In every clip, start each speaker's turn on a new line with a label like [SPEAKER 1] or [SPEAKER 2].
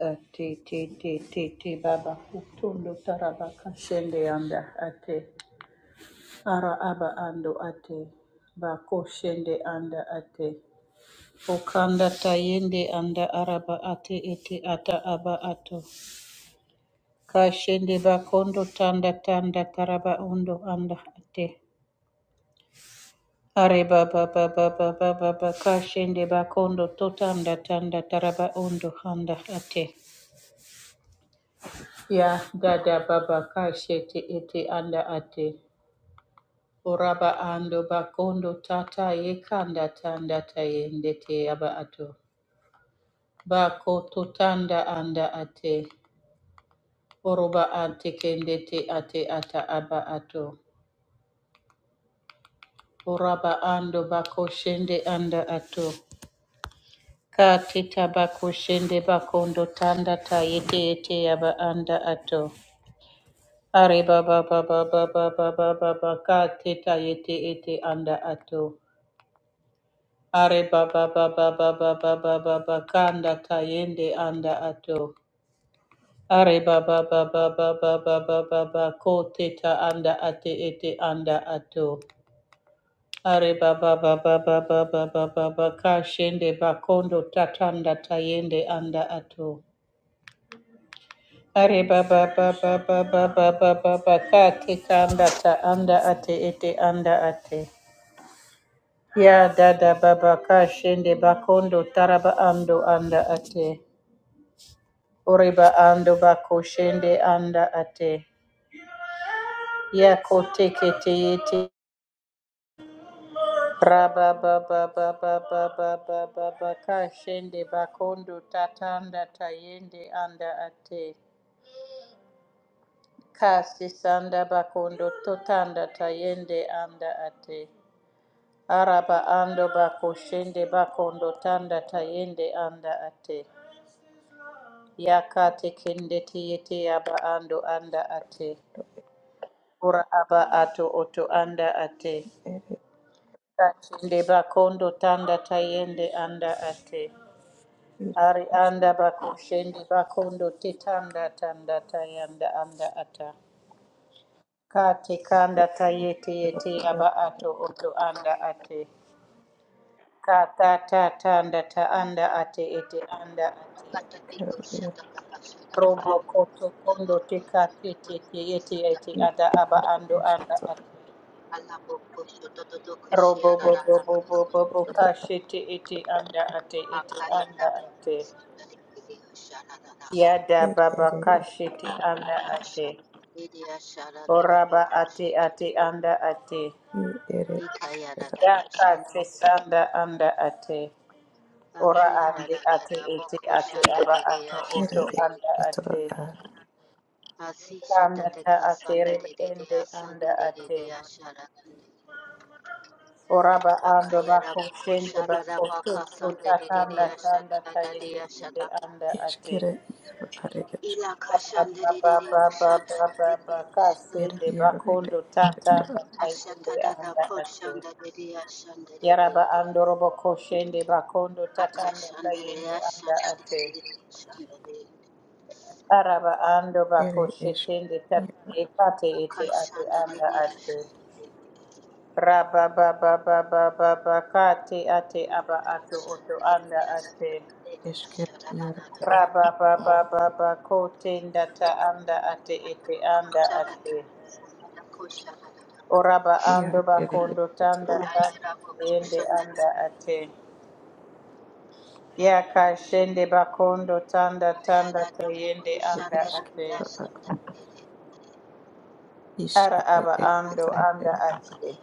[SPEAKER 1] Ate te te te te baba kutundo taraba kashende anda ate ara aba ando ate bako shende anda ate okanda tayende anda araba ate ete ata aba ato kashende bakondo tanda tanda taraba undo anda ate are baba baba baba baba kashende bakondo totanda tanda taraba undo anda ate ya dada baba kashete ete anda ate Oraba ando bakondo tata yekanda tanda tayende te aba ato. Bako totanda anda ate. Oroba ante kende te ate ata aba ato. Oraba ando bako shende anda ato. Ka teta bako shende bakondo tanda tayete ete aba anda ato. Are baba baba baba baba baba ka teta yete ete anda ato. Are baba baba baba baba baba kanda tayende anda ato. Are baba baba baba baba baba ko teta anda ate ete anda ato. Are baba baba baba baba baba kashende bakondo tatanda tayende anda ato. Are baba baba baba baba baba ka tekanda ta anda ate ete anda ate. Ya dada baba kashende bakondo taraba ando anda ate. Oreba ando bako shende anda ate. Yako teke te yete. Raba ba ba ba ba ba ba ba ba ba ka shende bakondo tatanda tayende anda ate. Kasi sanda bakondo totanda tayende anda ate. Araba ando bako shende bakondo tanda tayende anda ate. Yakate kende te aba ando anda ate. Ora aba ato oto anda ate. Kachinde bakondo tanda tayende anda ate.
[SPEAKER 2] ir
[SPEAKER 1] Ari
[SPEAKER 2] iškės
[SPEAKER 1] anda bakushende bakondo te tanda tanda tayanda anda ata. Kate kanda tayete
[SPEAKER 2] kero
[SPEAKER 1] yete aba
[SPEAKER 2] ir
[SPEAKER 1] ato oto anda ate. Kata ta tanda ta anda ate ete anda ate.
[SPEAKER 2] kero ir
[SPEAKER 1] Robo koto kondo te kate te te yete yete ada
[SPEAKER 2] iš
[SPEAKER 1] aba
[SPEAKER 2] ar
[SPEAKER 1] ando
[SPEAKER 2] iš
[SPEAKER 1] anda
[SPEAKER 2] kito
[SPEAKER 1] ate. Robo bo
[SPEAKER 2] ir
[SPEAKER 1] bo bo bo bo bo kashete ete anda ate ete anda ate. Yada
[SPEAKER 2] ir ir
[SPEAKER 1] baba
[SPEAKER 2] ir ir
[SPEAKER 1] kashiti anda ate. Oraba ate ate anda ate.
[SPEAKER 2] ir
[SPEAKER 1] Yaka sesanda anda ate. Ora ande ate ete ate aba ato
[SPEAKER 2] ir ir
[SPEAKER 1] oto
[SPEAKER 2] ir
[SPEAKER 3] Akiyarararabokoshandaridiashandari.
[SPEAKER 1] anda
[SPEAKER 2] kito
[SPEAKER 1] ate.
[SPEAKER 2] ar
[SPEAKER 1] Kanda ta ate rebe ende anda ate.
[SPEAKER 3] Asishatatekasandaridiyasandaridiasharadandi.
[SPEAKER 1] Oraba ando
[SPEAKER 3] Hakayara
[SPEAKER 1] bako shende
[SPEAKER 3] koşarara
[SPEAKER 1] bako tutu
[SPEAKER 3] bakasan dediri
[SPEAKER 1] tatanda
[SPEAKER 3] yaşada
[SPEAKER 1] tanda
[SPEAKER 3] dadari
[SPEAKER 1] tayete
[SPEAKER 3] yaşada.
[SPEAKER 1] anda
[SPEAKER 2] iš
[SPEAKER 1] ate.
[SPEAKER 2] kero ir ar iš
[SPEAKER 3] İla kaşan dediri yaşada dediri
[SPEAKER 2] ir ir ir
[SPEAKER 3] yaşada.
[SPEAKER 1] Kasende bakondo
[SPEAKER 2] iš
[SPEAKER 1] tata
[SPEAKER 2] kito
[SPEAKER 1] bakayende
[SPEAKER 3] Aşata dada
[SPEAKER 1] anda ate.
[SPEAKER 3] koşan dediri yaşan dediri.
[SPEAKER 1] Yaraba andorobo koshende bakondo tata
[SPEAKER 3] Akaşan dediri
[SPEAKER 1] bakayende anda
[SPEAKER 3] yaşan
[SPEAKER 1] ate.
[SPEAKER 3] dediri yaşan dediri.
[SPEAKER 1] Araba ando
[SPEAKER 2] ir iš
[SPEAKER 1] bakoshetende
[SPEAKER 2] ir
[SPEAKER 1] tata ekate ete ate
[SPEAKER 3] Akaşan
[SPEAKER 1] anda
[SPEAKER 3] dediri
[SPEAKER 1] ate.
[SPEAKER 3] yaşan dediri.
[SPEAKER 1] Raba baba baba baba kate ate aba ato
[SPEAKER 3] Yaşan
[SPEAKER 1] oto anda
[SPEAKER 3] dediri yaşan
[SPEAKER 1] ate.
[SPEAKER 3] dediri
[SPEAKER 2] iš
[SPEAKER 3] yaşada
[SPEAKER 2] kero
[SPEAKER 3] dadara.
[SPEAKER 1] Raba baba baba kote ndata anda ate ete anda ate.
[SPEAKER 3] Koşarara koşarara.
[SPEAKER 1] Oraba
[SPEAKER 2] ir
[SPEAKER 1] ando
[SPEAKER 2] ir ir iš
[SPEAKER 1] bakondo
[SPEAKER 2] kito
[SPEAKER 1] tanda
[SPEAKER 3] Ben
[SPEAKER 1] tanda
[SPEAKER 3] yerden kopmuş
[SPEAKER 1] yende
[SPEAKER 3] senden.
[SPEAKER 1] anda ate. Yaka shende bakondo tanda
[SPEAKER 3] Ben
[SPEAKER 1] tanda
[SPEAKER 3] yerden
[SPEAKER 1] yende
[SPEAKER 3] kopmuş
[SPEAKER 2] ir
[SPEAKER 1] anda
[SPEAKER 3] dedi.
[SPEAKER 2] iš
[SPEAKER 1] ate.
[SPEAKER 3] Ben
[SPEAKER 2] kito ar
[SPEAKER 3] senden beri.
[SPEAKER 2] iš
[SPEAKER 1] Ara
[SPEAKER 2] ir
[SPEAKER 1] aba
[SPEAKER 2] iš
[SPEAKER 1] ando
[SPEAKER 2] kito
[SPEAKER 1] anda
[SPEAKER 2] ir
[SPEAKER 1] ate.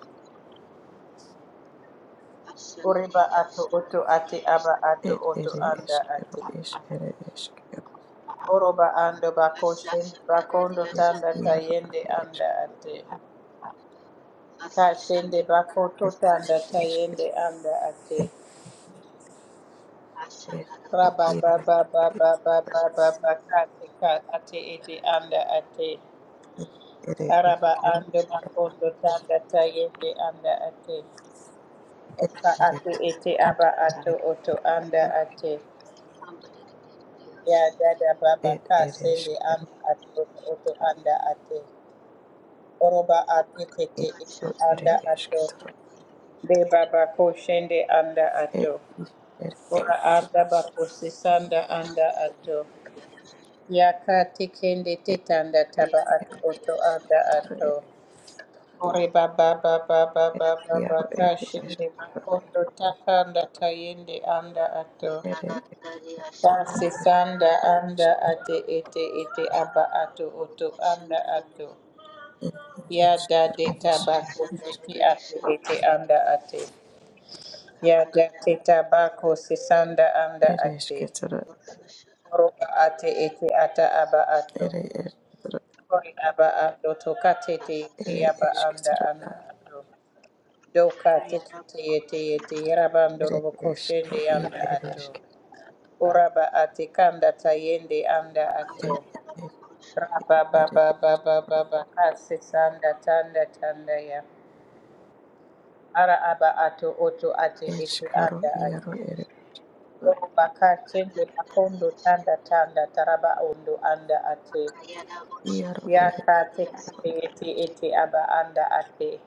[SPEAKER 3] Ben senden
[SPEAKER 1] Oreba
[SPEAKER 3] ya
[SPEAKER 1] ato oto
[SPEAKER 3] senden
[SPEAKER 1] ate
[SPEAKER 3] ya
[SPEAKER 1] aba ato oto
[SPEAKER 2] ir
[SPEAKER 1] anda
[SPEAKER 2] iš
[SPEAKER 1] ate.
[SPEAKER 2] kero iš ir iš kero
[SPEAKER 1] Oroba ando
[SPEAKER 3] Ben
[SPEAKER 1] bako shende
[SPEAKER 3] senden
[SPEAKER 1] bakondo
[SPEAKER 3] ya
[SPEAKER 2] ir
[SPEAKER 1] tanda
[SPEAKER 2] ir ar
[SPEAKER 3] senden
[SPEAKER 1] tayende
[SPEAKER 2] iš
[SPEAKER 1] anda ate.
[SPEAKER 3] Ben
[SPEAKER 1] Ka shende
[SPEAKER 3] senden
[SPEAKER 1] bako to
[SPEAKER 2] ir
[SPEAKER 1] tanda tayende anda ate.
[SPEAKER 2] iš
[SPEAKER 1] Rabba
[SPEAKER 2] kero
[SPEAKER 1] ba ba ba ba ba ba ba ba kati ate ete anda ate
[SPEAKER 2] Es ere
[SPEAKER 1] araba
[SPEAKER 2] eskero
[SPEAKER 1] ando makondo tanda tayende anda ate
[SPEAKER 2] ed
[SPEAKER 1] oka
[SPEAKER 2] ere
[SPEAKER 3] Somebody
[SPEAKER 1] ate ete aba ato
[SPEAKER 2] eskero
[SPEAKER 1] oto anda ate
[SPEAKER 3] did it, somebody did it,
[SPEAKER 1] ya
[SPEAKER 3] somebody
[SPEAKER 1] dada baba
[SPEAKER 2] ed
[SPEAKER 1] ka
[SPEAKER 2] ere eskero
[SPEAKER 1] anda ato oto oto
[SPEAKER 2] tra
[SPEAKER 1] anda ate oroba ate kete
[SPEAKER 2] ed
[SPEAKER 3] did
[SPEAKER 1] ete
[SPEAKER 2] ro ere
[SPEAKER 1] anda
[SPEAKER 3] it,
[SPEAKER 1] ato
[SPEAKER 3] somebody did
[SPEAKER 2] esketro
[SPEAKER 3] it.
[SPEAKER 1] be baba ko anda ato
[SPEAKER 2] ed is ere
[SPEAKER 1] ora anda
[SPEAKER 2] eskero
[SPEAKER 1] bako sisanda
[SPEAKER 3] Yaşandı,
[SPEAKER 1] anda ato Yaka tekende
[SPEAKER 2] ed
[SPEAKER 1] tetanda
[SPEAKER 2] ero
[SPEAKER 1] taba
[SPEAKER 2] ia
[SPEAKER 1] atu oto anda
[SPEAKER 2] katara
[SPEAKER 1] ato. Ore baba baba baba baba
[SPEAKER 2] iaro ere
[SPEAKER 1] kashende
[SPEAKER 2] esketro
[SPEAKER 1] makondo takanda tayende anda ato.
[SPEAKER 2] ere eskero
[SPEAKER 1] Tase
[SPEAKER 2] ere eskero
[SPEAKER 1] sanda anda ate ete ete aba ato oto anda ato.
[SPEAKER 2] ed ere
[SPEAKER 1] Ya
[SPEAKER 2] eskero
[SPEAKER 1] dade
[SPEAKER 2] is
[SPEAKER 1] tabako teki ate ete anda ate. Ya dade tabako sisanda anda
[SPEAKER 2] ere eskero ere
[SPEAKER 1] ate.
[SPEAKER 2] esketro
[SPEAKER 1] Oroba ate ete ata aba ato.
[SPEAKER 2] ere esketro
[SPEAKER 1] Kori aba ando toka tete
[SPEAKER 2] ere
[SPEAKER 1] te aba anda
[SPEAKER 2] esketro
[SPEAKER 1] anda ato. Doka tete te ete ete yaraba ando
[SPEAKER 2] ere
[SPEAKER 1] robo
[SPEAKER 2] eskero
[SPEAKER 1] koshende
[SPEAKER 2] id
[SPEAKER 1] anda
[SPEAKER 2] ere
[SPEAKER 1] ato.
[SPEAKER 2] eskero
[SPEAKER 1] Oraba ate kanda tayende anda ato.
[SPEAKER 2] ed
[SPEAKER 1] Raba
[SPEAKER 2] ere
[SPEAKER 1] baba baba baba kase sanda tanda tanda ya. Ara aba ato oto ate ete
[SPEAKER 2] eskero
[SPEAKER 1] anda ato.
[SPEAKER 2] iaro ere
[SPEAKER 1] Oro baka shende bakondo tanda tanda taraba ondo anda ate.
[SPEAKER 3] Ayana
[SPEAKER 2] Iaro
[SPEAKER 3] boşana da
[SPEAKER 2] ere
[SPEAKER 3] da
[SPEAKER 1] Yaka
[SPEAKER 3] dedi ya
[SPEAKER 1] teke
[SPEAKER 3] sana.
[SPEAKER 1] te ete ete aba anda ate.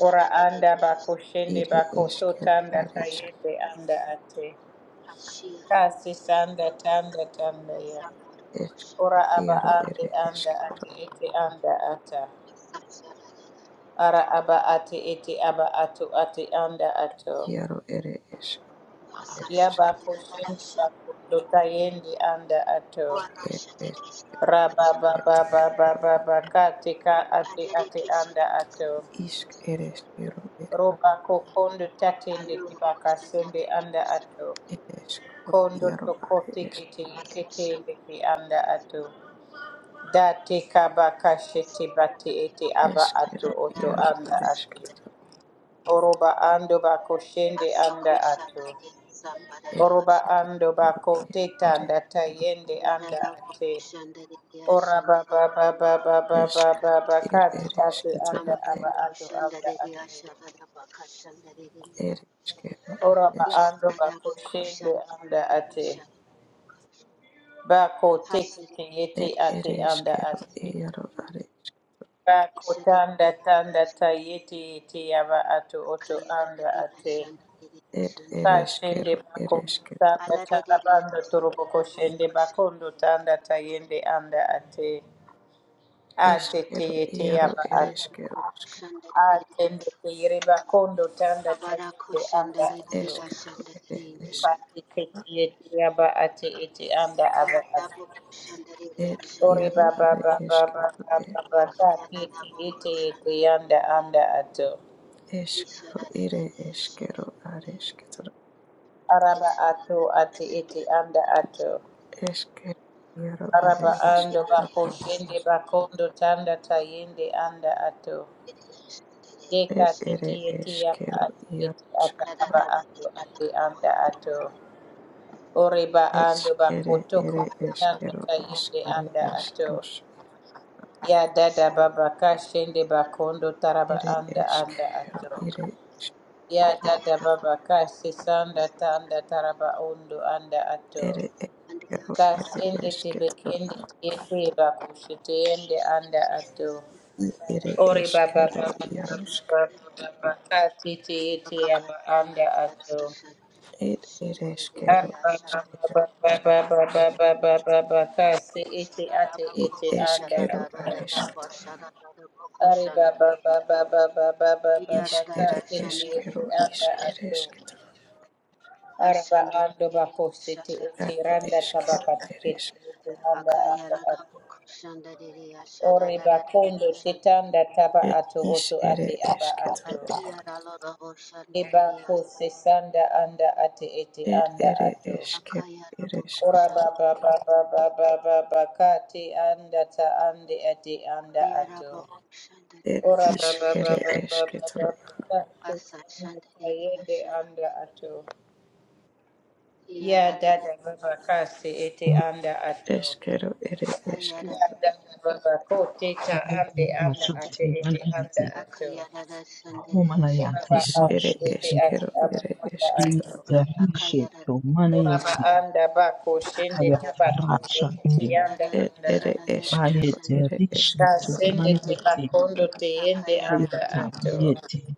[SPEAKER 1] Ora
[SPEAKER 3] da dedi
[SPEAKER 1] anda
[SPEAKER 3] ya
[SPEAKER 1] bako
[SPEAKER 3] sana.
[SPEAKER 1] shende
[SPEAKER 2] ire
[SPEAKER 1] bako to
[SPEAKER 2] eskero
[SPEAKER 1] tanda
[SPEAKER 2] ere eskero
[SPEAKER 1] tayende anda ate.
[SPEAKER 3] Aşağıda
[SPEAKER 1] Kasi
[SPEAKER 3] bu dedi.
[SPEAKER 1] sanda tanda tanda ya.
[SPEAKER 3] Asafara boşana.
[SPEAKER 2] eskero
[SPEAKER 1] Ora aba
[SPEAKER 2] iaro ere
[SPEAKER 1] ande anda
[SPEAKER 2] eskero
[SPEAKER 1] ate ete anda ata.
[SPEAKER 3] Asafara da da.
[SPEAKER 1] Ara aba ate ete aba ato ate anda ato.
[SPEAKER 2] iaro ere eskero ere
[SPEAKER 1] Ya
[SPEAKER 2] eskero
[SPEAKER 3] Asafara
[SPEAKER 1] bako
[SPEAKER 3] da da da
[SPEAKER 1] shende
[SPEAKER 3] aşağı.
[SPEAKER 1] bako ndo tayende anda
[SPEAKER 3] O
[SPEAKER 1] ato.
[SPEAKER 2] ere
[SPEAKER 3] araşa tekrar.
[SPEAKER 1] Raba ba
[SPEAKER 2] eskero
[SPEAKER 1] ba ba ba ba ba kate ka ate
[SPEAKER 3] Ayere
[SPEAKER 1] ate
[SPEAKER 3] kesin.
[SPEAKER 1] anda ato.
[SPEAKER 2] isk ere eskero ere
[SPEAKER 1] Roba kokondo tatende
[SPEAKER 3] Alo
[SPEAKER 1] tibaka
[SPEAKER 3] koşa da
[SPEAKER 1] sende
[SPEAKER 3] dedi
[SPEAKER 1] anda
[SPEAKER 3] ya sana.
[SPEAKER 1] ato.
[SPEAKER 2] ere eskero
[SPEAKER 1] kondo
[SPEAKER 2] iaro
[SPEAKER 1] toko
[SPEAKER 2] are esk
[SPEAKER 1] tekete
[SPEAKER 3] Asafara
[SPEAKER 1] yekete beki anda
[SPEAKER 3] da da.
[SPEAKER 1] atu Da te kaba
[SPEAKER 3] Altyazı
[SPEAKER 1] kashete bate ete aba atu
[SPEAKER 2] eskero
[SPEAKER 1] oto
[SPEAKER 2] iaro
[SPEAKER 1] anda
[SPEAKER 2] are
[SPEAKER 1] ato.
[SPEAKER 2] eskero
[SPEAKER 1] Oroba ando bako shende anda atu Oroba ando
[SPEAKER 2] eskero
[SPEAKER 1] bako teta anda tayende anda ate. Ora ba ba ba ba ba ba
[SPEAKER 2] es
[SPEAKER 1] ba ba ba kati
[SPEAKER 2] ere
[SPEAKER 1] ate anda
[SPEAKER 2] eskero
[SPEAKER 1] aba
[SPEAKER 2] ere
[SPEAKER 1] atu anda ate.
[SPEAKER 2] ere eskero
[SPEAKER 1] Ora ba
[SPEAKER 2] ere
[SPEAKER 1] ando bako shende anda ate. Bako tekete yete
[SPEAKER 2] ere
[SPEAKER 1] ate anda
[SPEAKER 2] eskero are eskero ere ere eskero
[SPEAKER 1] ate.
[SPEAKER 2] iaro are
[SPEAKER 1] Ba kutanda tanda ta yeti yeti yaba ato oto anda ate.
[SPEAKER 2] ere
[SPEAKER 1] Ka
[SPEAKER 2] ere
[SPEAKER 1] shende
[SPEAKER 2] eskero
[SPEAKER 1] bako
[SPEAKER 2] ere eskero
[SPEAKER 1] tanda ta abando turuboko shende bakondo tanda ta yende anda ate. Ate te
[SPEAKER 2] Eskero,
[SPEAKER 1] yete
[SPEAKER 2] iaro,
[SPEAKER 1] yaba ato.
[SPEAKER 2] ereskero,
[SPEAKER 3] Kayarabo
[SPEAKER 2] ska,
[SPEAKER 3] Shandarinde,
[SPEAKER 1] Atende te yere bakondo tanda ta
[SPEAKER 3] Habarako
[SPEAKER 1] yende anda ato.
[SPEAKER 3] Shandarinde,
[SPEAKER 2] eskero, ere,
[SPEAKER 3] Shandarinde,
[SPEAKER 2] eskero,
[SPEAKER 1] Pati kete yete yaba ate ete anda aba ato.
[SPEAKER 3] Kayarabo Shandarinde,
[SPEAKER 2] ed,
[SPEAKER 1] Ore
[SPEAKER 2] iaro,
[SPEAKER 3] Shandarinde,
[SPEAKER 1] baba
[SPEAKER 2] are,
[SPEAKER 1] baba baba
[SPEAKER 2] eskero, ed,
[SPEAKER 1] baba ta kete
[SPEAKER 3] Yakayanabo
[SPEAKER 1] yete yete
[SPEAKER 3] Shandarinde,
[SPEAKER 1] yanda anda ato.
[SPEAKER 2] eskero, ire,
[SPEAKER 3] Ishadarinde,
[SPEAKER 2] eskero,
[SPEAKER 3] Shandarinde,
[SPEAKER 2] are, eskero,
[SPEAKER 1] araba ato
[SPEAKER 3] Ishadarinde,
[SPEAKER 1] ati ete anda ato
[SPEAKER 2] eskero, iaro, are,
[SPEAKER 1] araba
[SPEAKER 3] Shandarinde,
[SPEAKER 1] ando
[SPEAKER 2] eskero,
[SPEAKER 1] bako
[SPEAKER 3] Ishadarinde,
[SPEAKER 2] ed,
[SPEAKER 1] shende bakondo tanda tayende anda ato deka
[SPEAKER 2] ed, ere,
[SPEAKER 1] tete
[SPEAKER 3] Shandarinde,
[SPEAKER 1] ete yaba
[SPEAKER 2] eskero,
[SPEAKER 1] ati
[SPEAKER 2] iaro,
[SPEAKER 1] ete ata aba
[SPEAKER 2] skatara,
[SPEAKER 1] ando ate anda ato oreba
[SPEAKER 2] ed,
[SPEAKER 1] ando
[SPEAKER 2] ere,
[SPEAKER 1] bako
[SPEAKER 2] ere,
[SPEAKER 1] tokondo tanda
[SPEAKER 2] eskero, es,
[SPEAKER 1] tayende
[SPEAKER 2] ere,
[SPEAKER 1] anda
[SPEAKER 2] es,
[SPEAKER 1] ato
[SPEAKER 2] ros,
[SPEAKER 1] ya dada baba kashende shende bakondo taraba
[SPEAKER 2] ere,
[SPEAKER 1] anda anda
[SPEAKER 2] eskero,
[SPEAKER 1] ato
[SPEAKER 2] ire, es, ere, eskero,
[SPEAKER 1] ya dada
[SPEAKER 3] Ayana
[SPEAKER 1] baba ka sisanda tanda taraba undo anda ato
[SPEAKER 2] ere,
[SPEAKER 3] Andaya
[SPEAKER 2] eskero,
[SPEAKER 3] şarara
[SPEAKER 1] Kasende tebe kende tete bakushite yende anda ato.
[SPEAKER 2] Ere
[SPEAKER 1] Ori baba
[SPEAKER 2] eskero
[SPEAKER 1] baba
[SPEAKER 3] şan
[SPEAKER 2] iaroska.
[SPEAKER 1] baba baba baba katete yete
[SPEAKER 3] bakaya
[SPEAKER 1] yaba anda
[SPEAKER 3] sandaya
[SPEAKER 1] ato.
[SPEAKER 3] şar
[SPEAKER 2] Ed ere
[SPEAKER 3] şandarere
[SPEAKER 1] Ari
[SPEAKER 2] eskero.
[SPEAKER 3] ya
[SPEAKER 1] baba
[SPEAKER 3] şarata
[SPEAKER 1] baba baba baba baba baba kase ete
[SPEAKER 3] şarara
[SPEAKER 1] ate
[SPEAKER 2] Id
[SPEAKER 1] ete
[SPEAKER 3] bakosi
[SPEAKER 1] anda
[SPEAKER 2] eskero
[SPEAKER 1] ato.
[SPEAKER 3] tatarara da
[SPEAKER 2] areskatoro.
[SPEAKER 3] başarara
[SPEAKER 1] Ari baba
[SPEAKER 3] bakuşandare
[SPEAKER 1] baba baba baba baba
[SPEAKER 2] Isk ere
[SPEAKER 3] yarara
[SPEAKER 1] kasete
[SPEAKER 3] şandere
[SPEAKER 1] yete
[SPEAKER 2] eskero.
[SPEAKER 3] ya
[SPEAKER 1] anda
[SPEAKER 2] Isk ere
[SPEAKER 1] ato.
[SPEAKER 2] esketoro.
[SPEAKER 1] Araba ando
[SPEAKER 3] haşandere
[SPEAKER 1] bakushite
[SPEAKER 3] şandere
[SPEAKER 1] ete
[SPEAKER 2] Are
[SPEAKER 3] ya
[SPEAKER 1] randa
[SPEAKER 3] şan
[SPEAKER 2] eskero
[SPEAKER 1] tabaka
[SPEAKER 2] ere
[SPEAKER 1] tikete
[SPEAKER 2] eskero.
[SPEAKER 1] yete anda anda
[SPEAKER 3] akayarara
[SPEAKER 1] ato.
[SPEAKER 3] bakuşandare ya şarara
[SPEAKER 1] Oreba
[SPEAKER 3] da
[SPEAKER 1] kondo
[SPEAKER 3] şan
[SPEAKER 1] titanda taba
[SPEAKER 2] Ed
[SPEAKER 1] ato
[SPEAKER 2] is
[SPEAKER 1] oto
[SPEAKER 2] ere
[SPEAKER 1] ate aba ato.
[SPEAKER 2] esketoro.
[SPEAKER 3] akiyarara
[SPEAKER 1] Eba
[SPEAKER 3] boşandere ya
[SPEAKER 1] ko sesanda anda ate ete
[SPEAKER 2] Ed
[SPEAKER 1] anda
[SPEAKER 2] ere
[SPEAKER 1] ato.
[SPEAKER 2] eskero ere
[SPEAKER 1] Ora ba
[SPEAKER 2] esketoro.
[SPEAKER 1] ba
[SPEAKER 3] Akayarabokoshandere,
[SPEAKER 1] ba ba ba ba ba ba ka te anda ta ande ate anda ato.
[SPEAKER 3] akayarabokoshandere
[SPEAKER 2] Ed
[SPEAKER 1] Ora ba
[SPEAKER 2] is
[SPEAKER 1] ba
[SPEAKER 3] yashara,
[SPEAKER 1] ba
[SPEAKER 2] ere
[SPEAKER 1] ba ba ba ba
[SPEAKER 2] esketoro.
[SPEAKER 1] ba ka sesanda ta
[SPEAKER 3] asashandere
[SPEAKER 1] yende
[SPEAKER 3] yashara,
[SPEAKER 1] anda ato. Ya
[SPEAKER 3] akayarare,
[SPEAKER 1] dada baba kasi ete anda ato.
[SPEAKER 2] Eskero ere esketoro.
[SPEAKER 1] Ya
[SPEAKER 3] ayarare,
[SPEAKER 1] dada baba ko teta
[SPEAKER 4] Hayatarishe
[SPEAKER 1] ande anda ate
[SPEAKER 4] tu,
[SPEAKER 1] ete
[SPEAKER 4] mana
[SPEAKER 1] anda
[SPEAKER 4] yeti,
[SPEAKER 1] ato.
[SPEAKER 3] akayarare shandere yashara,
[SPEAKER 1] Oraba
[SPEAKER 2] Is ere
[SPEAKER 1] ate ete ate
[SPEAKER 2] eskero
[SPEAKER 1] aba
[SPEAKER 2] ere
[SPEAKER 1] anda ate.
[SPEAKER 2] esketoro.
[SPEAKER 3] akayarare
[SPEAKER 1] Oraba
[SPEAKER 3] yashara,
[SPEAKER 1] anda bako shende te bakondo te yanda
[SPEAKER 3] yarare
[SPEAKER 2] Ed
[SPEAKER 1] anda
[SPEAKER 2] ere
[SPEAKER 1] ato.
[SPEAKER 3] yasharare
[SPEAKER 2] eskero
[SPEAKER 3] yashara,
[SPEAKER 2] ere
[SPEAKER 1] Ka
[SPEAKER 2] esketoro.
[SPEAKER 1] sende te bakondo te yende anda
[SPEAKER 3] akayarare
[SPEAKER 1] ato.
[SPEAKER 3] yashandere,